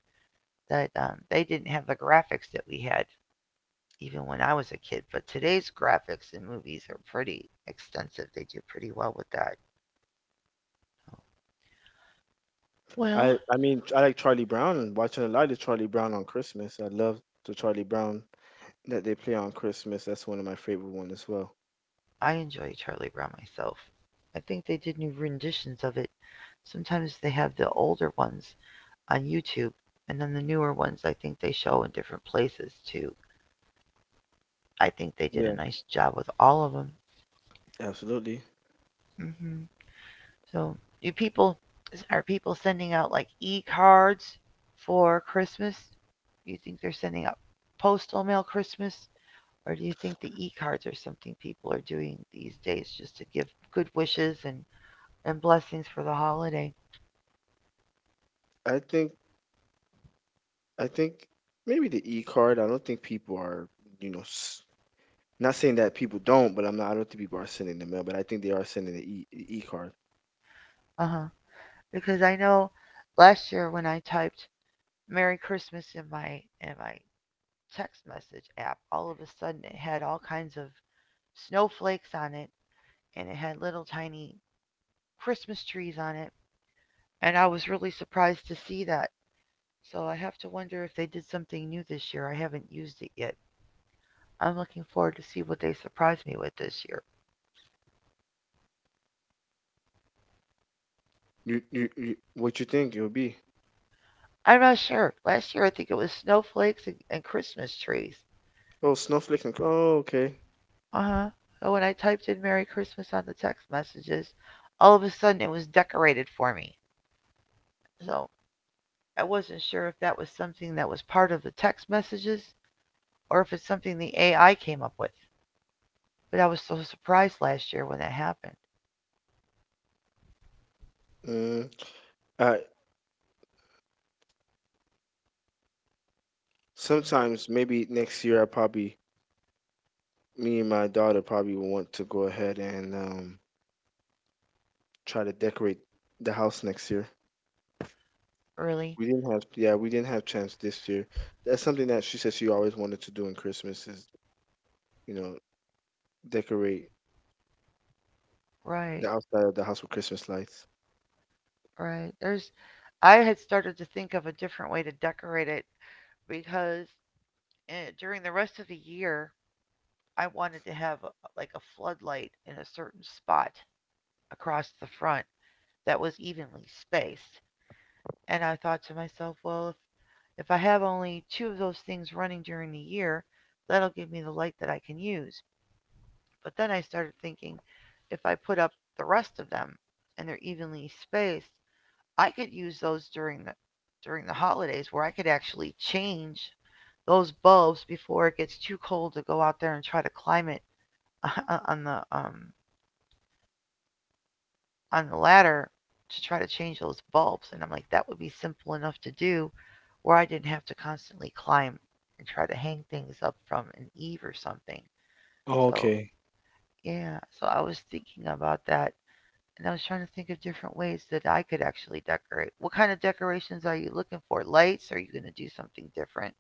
Speaker 1: that they didn't have the graphics that we had even when I was a kid. But today's graphics in movies are pretty extensive. They do pretty well with that. Well,
Speaker 2: I mean I like Charlie Brown and watching a lot of Charlie Brown on Christmas. I love the Charlie Brown that they play on Christmas. That's one of my favorite ones as well.
Speaker 1: I enjoy Charlie Brown myself. I think they did new renditions of it. Sometimes they have the older ones on YouTube, and then the newer ones I think they show in different places too. I think they did a
Speaker 2: Yeah,
Speaker 1: nice job with all of them.
Speaker 2: absolutely.
Speaker 1: hmm So, do people are people sending out like e-cards for Christmas? Do you think they're sending out postal mail Christmas, or do you think the e-cards are something people are doing these days just to give good wishes and blessings for the holiday?
Speaker 2: I think I think maybe the E card. I don't think people are you know s- not saying that people don't, but I'm not. I don't think people are sending the mail, but I think they are sending the E card.
Speaker 1: Uh huh. Because I know last year when I typed "Merry Christmas" in my text message app, all of a sudden it had all kinds of snowflakes on it and it had little tiny Christmas trees on it. And I was really surprised to see that. So I have to wonder if they did something new this year. I haven't used it yet. I'm looking forward to see what they surprise me with this year.
Speaker 2: You what you think it'll be?
Speaker 1: I'm not sure. Last year I think it was snowflakes and Christmas trees.
Speaker 2: Oh, snowflake and oh okay.
Speaker 1: Uh huh. So when I typed in Merry Christmas on the text messages, all of a sudden it was decorated for me. So I wasn't sure if that was something that was part of the text messages or if it's something the AI came up with. But I was so surprised last year when that happened.
Speaker 2: Mm. Uh, Sometimes maybe next year I probably me and my daughter probably will want to go ahead and try to decorate the house next year.
Speaker 1: Really?
Speaker 2: We didn't have, yeah, we didn't have chance this year. That's something that she said she always wanted to do in Christmas is, you know, decorate
Speaker 1: Right,
Speaker 2: the outside of the house with Christmas lights.
Speaker 1: right. I had started to think of a different way to decorate it because during the rest of the year, I wanted to have like a floodlight in a certain spot across the front that was evenly spaced. And I thought to myself, well, if I have only two of those things running during the year, that'll give me the light that I can use. But then I started thinking if I put up the rest of them and they're evenly spaced, I could use those during the holidays where I could actually change those bulbs before it gets too cold to go out there and try to climb it <laughs> on the um, on the ladder to try to change those bulbs. And I'm like, that would be simple enough to do, where I didn't have to constantly climb and try to hang things up from an eave or something. So
Speaker 2: Okay.
Speaker 1: yeah, so I was thinking about that and I was trying to think of different ways that I could actually decorate. What kind of decorations are you looking for? Lights? Are you going to do something different?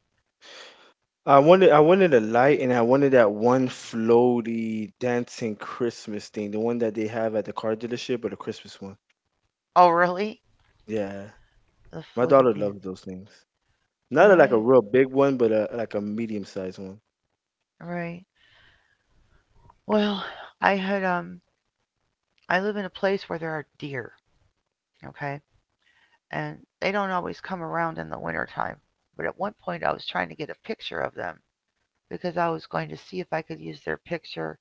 Speaker 2: I wanted a light, and I wanted that one floaty dancing Christmas thing, the one that they have at the car dealership, but a Christmas one.
Speaker 1: Oh, really?
Speaker 2: Yeah,
Speaker 1: The
Speaker 2: my
Speaker 1: floaty
Speaker 2: daughter loves
Speaker 1: dandy.
Speaker 2: those things. Not like a
Speaker 1: Right,
Speaker 2: real big one, but like a medium sized one.
Speaker 1: right. Well, I had I live in a place where there are deer. Okay, and they don't always come around in the wintertime. But at one point, I was trying to get a picture of them because I was going to see if I could use their picture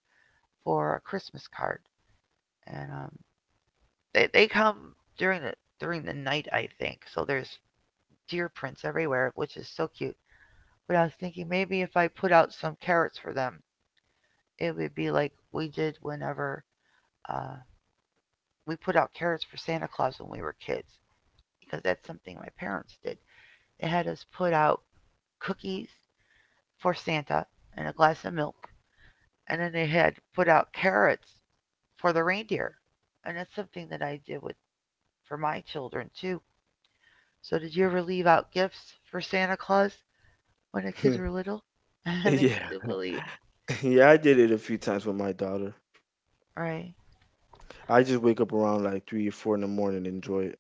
Speaker 1: for a Christmas card. And they come during the during the night, I think. So there's deer prints everywhere, which is so cute. But I was thinking maybe if I put out some carrots for them, it would be like we did whenever uh, we put out carrots for Santa Claus when we were kids, because that's something my parents did. They had us put out cookies for Santa and a glass of milk, and then they had put out carrots for the reindeer. And that's something that I did with for my children too. So did you ever leave out gifts for Santa Claus when the kids were
Speaker 2: <laughs>
Speaker 1: little? <laughs> And they still
Speaker 2: Yeah,
Speaker 1: believe,
Speaker 2: <laughs> yeah, I did it a few times with my daughter.
Speaker 1: right?
Speaker 2: I just wake up around like 3 or 4 in the morning and enjoy it.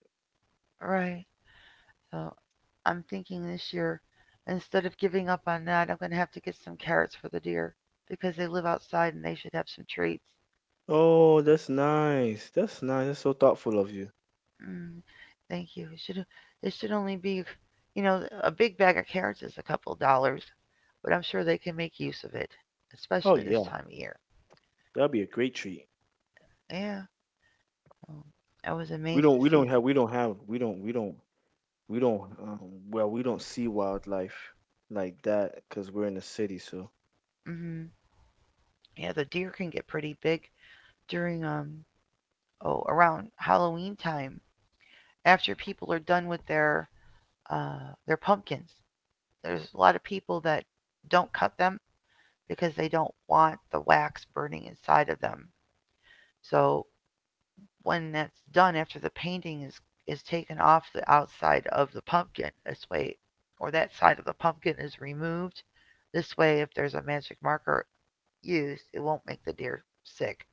Speaker 1: Right. So I'm thinking this year, instead of giving up on that, I'm going to have to get some carrots for the deer because they live outside and they should have some treats.
Speaker 2: Oh, that's nice. That's nice. That's so thoughtful of you.
Speaker 1: Mm, thank you. It should only be, you know, a big bag of carrots is a couple dollars, but I'm sure they can make use of it,
Speaker 2: Oh
Speaker 1: especially this
Speaker 2: yeah,
Speaker 1: time of year.
Speaker 2: that'd be a great treat.
Speaker 1: Yeah. um, I was
Speaker 2: We
Speaker 1: amazed
Speaker 2: don't.
Speaker 1: to
Speaker 2: We
Speaker 1: see
Speaker 2: don't
Speaker 1: them.
Speaker 2: have. We don't have. We don't. We don't. We don't. Well, we don't see wildlife like that because we're in the city. So.
Speaker 1: hmm Yeah, the deer can get pretty big during oh around Halloween time after people are done with uh, their pumpkins. There's a lot of people that don't cut them because they don't want the wax burning inside of them. So when that's done, after the painting is taken off the outside of the pumpkin this way, or that side of the pumpkin is removed this way, if there's a magic marker used, it won't make the deer sick.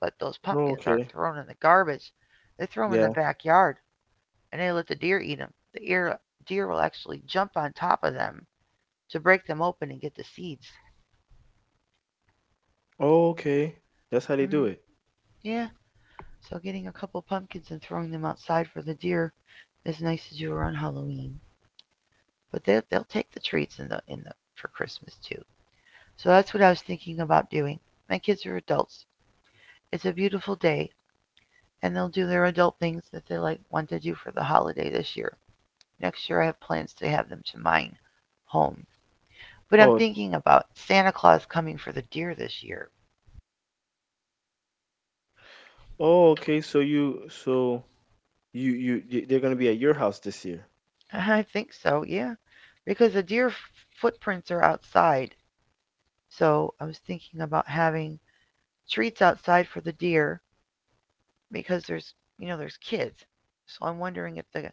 Speaker 1: But those
Speaker 2: Oh,
Speaker 1: pumpkins aren't
Speaker 2: okay.
Speaker 1: thrown in the garbage, they throw them in the
Speaker 2: Yeah.
Speaker 1: backyard and they let the deer eat them. The deer will actually jump on top of them to break them open and get the seeds.
Speaker 2: Oh, okay. That's how they do
Speaker 1: Um,
Speaker 2: it.
Speaker 1: yeah, so getting a couple pumpkins and throwing them outside for the deer as nice as you were on Halloween. But they'll take the treats in the for Christmas too. So that's what I was thinking about doing. My kids are adults. It's a beautiful day, and they'll do their adult things that they like want to do for the holiday this year. Next year, I have plans to have them to mine home. But I'm
Speaker 2: Oh.
Speaker 1: thinking about Santa Claus coming for the deer this year.
Speaker 2: Oh, okay. So you. So you. You. Y- They're gonna be at your house this year.
Speaker 1: I think so, yeah. Because the footprints are outside. So I was thinking about having treats outside for the deer because there's, you know, there's kids. So I'm wondering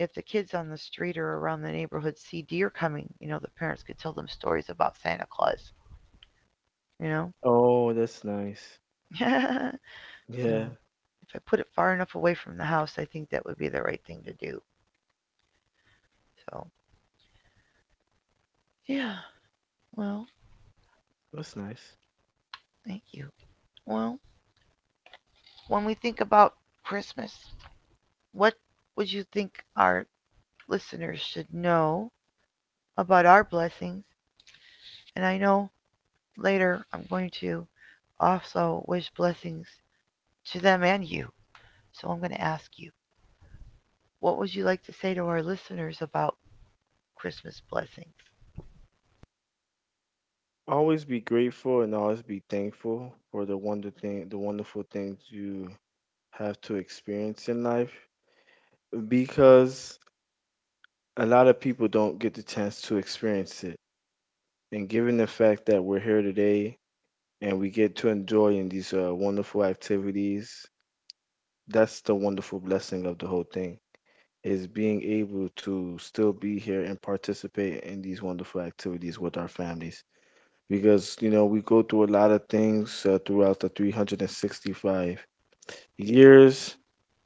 Speaker 1: if the kids on the street or around the neighborhood see deer coming, you know, the parents could tell them stories about Santa Claus, you know?
Speaker 2: Oh, that's nice.
Speaker 1: <laughs> So
Speaker 2: Yeah.
Speaker 1: if I put it far enough away from the house, I think that would be the right thing to do. So, yeah. Well,
Speaker 2: That's nice.
Speaker 1: thank you. Well, when we think about Christmas, what would you think our listeners should know about our blessings? And I know later I'm going to also wish blessings to them and you. So I'm going to ask you, what would you like to say to our listeners about Christmas blessings?
Speaker 2: Always be grateful and always be thankful for the wonderful things you have to experience in life because a lot of people don't get the chance to experience it. And given the fact that we're here today and we get to enjoy in these wonderful activities, that's the wonderful blessing of the whole thing is being able to still be here and participate in these wonderful activities with our families. Because we go through a lot of things throughout the 365 years,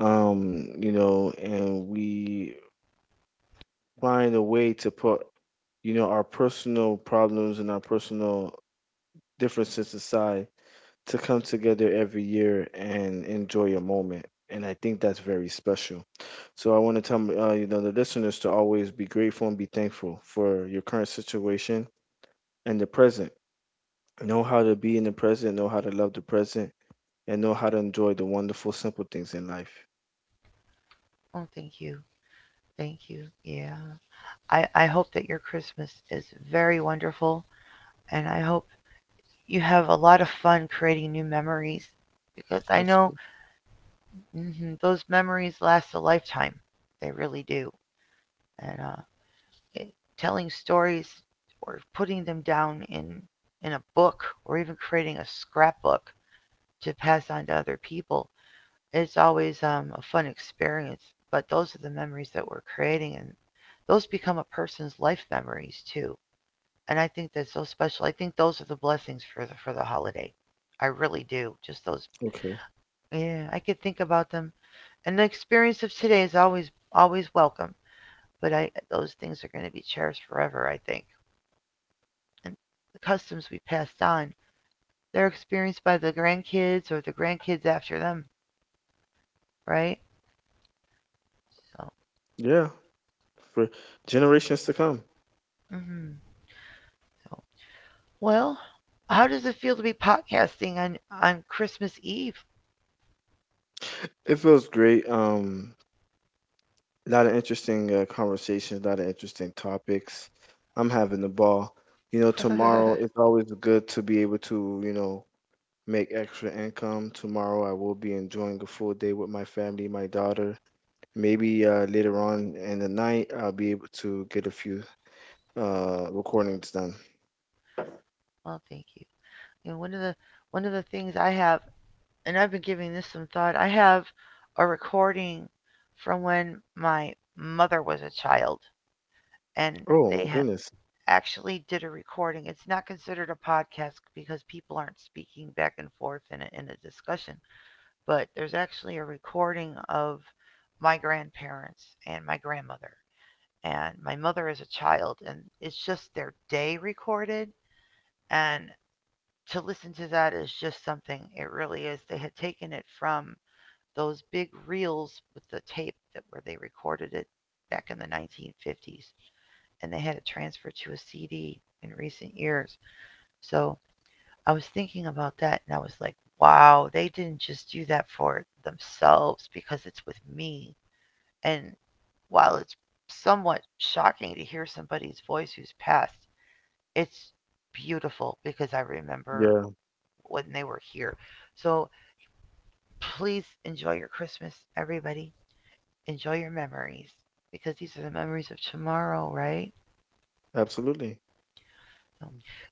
Speaker 2: and we find a way to put our personal problems and our personal differences aside to come together every year and enjoy a moment. And I think that's very special. So I want to tell the listeners to always be grateful and be thankful for your current situation and the present. Know how to be in the present. Know how to love the present. And know how to enjoy the wonderful, simple things in life.
Speaker 1: Oh, thank you. Thank you. Yeah. I hope that your Christmas is very wonderful. And I hope you have a lot of fun creating new memories because I know
Speaker 2: Absolutely.
Speaker 1: mhm, those memories last a lifetime. They really do. And it, telling stories or putting them down in a book, or even creating a scrapbook to pass on to other people, it's always a fun experience. But those are the memories that we're creating, and those become a person's life memories too. And I think that's so special. I think those are the blessings for the holiday. I really do, just those.
Speaker 2: Okay.
Speaker 1: Yeah, I could think about them, and the experience of today is always always welcome. But I those things are going to be cherished forever, I think. And the customs we passed on, they're experienced by the grandkids or the grandkids after them, right? So,
Speaker 2: Yeah. For generations to come.
Speaker 1: mm-hmm. So well, how does it feel to be podcasting on Christmas Eve?
Speaker 2: It feels great. A lot of interesting conversations, a lot of interesting topics. I'm having the ball. You know,
Speaker 1: <laughs> Well,
Speaker 2: tomorrow it's always good to be able to, make extra income. Tomorrow I will be enjoying a full day with my family, my daughter. Maybe later on in the night I'll be able to get a few recordings done.
Speaker 1: thank you. You know, one of the things I have, and I've been giving this some thought. I have a recording from when my mother was a child, and
Speaker 2: Oh my
Speaker 1: they ha-
Speaker 2: goodness.
Speaker 1: actually did a recording. It's not considered a podcast because people aren't speaking back and forth in in a discussion, but there's actually a recording of my grandparents and my grandmother. And my mother as a child, and it's just their day recorded. And to listen to that is just something, it really is. They had taken it from those big reels with the tape that where they recorded it back in the 1950s, and they had it transferred to a CD in recent years. So I was thinking about that and I was like, wow, they didn't just do that for themselves because it's with me. And while it's somewhat shocking to hear somebody's voice who's passed, it's beautiful because I remember
Speaker 2: Yeah.
Speaker 1: when they were here. So please enjoy your Christmas, everybody. Enjoy your memories because these are the memories of tomorrow, right?
Speaker 2: Absolutely.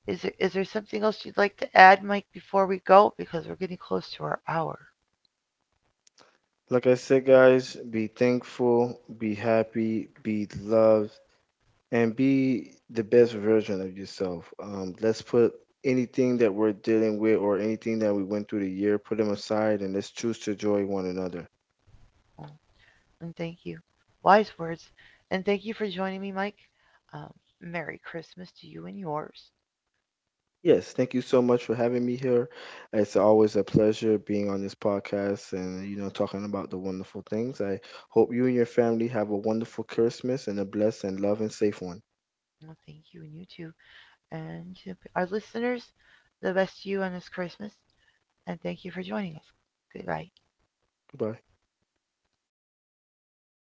Speaker 1: So is there something else you'd like to add, Mike, before we go? Because we're getting close to our hour.
Speaker 2: Like I said, guys, be thankful, be happy, be loved, and be the best version of yourself. Let's put anything that we're dealing with or anything that we went through the year, put them aside, and let's choose to enjoy one another.
Speaker 1: And thank you. Wise words. And thank you for joining me, Mike. Um, Merry Christmas to you and yours.
Speaker 2: Yes, thank you so much for having me here. It's always a pleasure being on this podcast and talking about the wonderful things. I hope you and your family have a wonderful Christmas and a blessed and loving safe one.
Speaker 1: Well, thank you and you too. And to our listeners, the best to you on this Christmas. And thank you for joining us. Goodbye.
Speaker 2: Goodbye.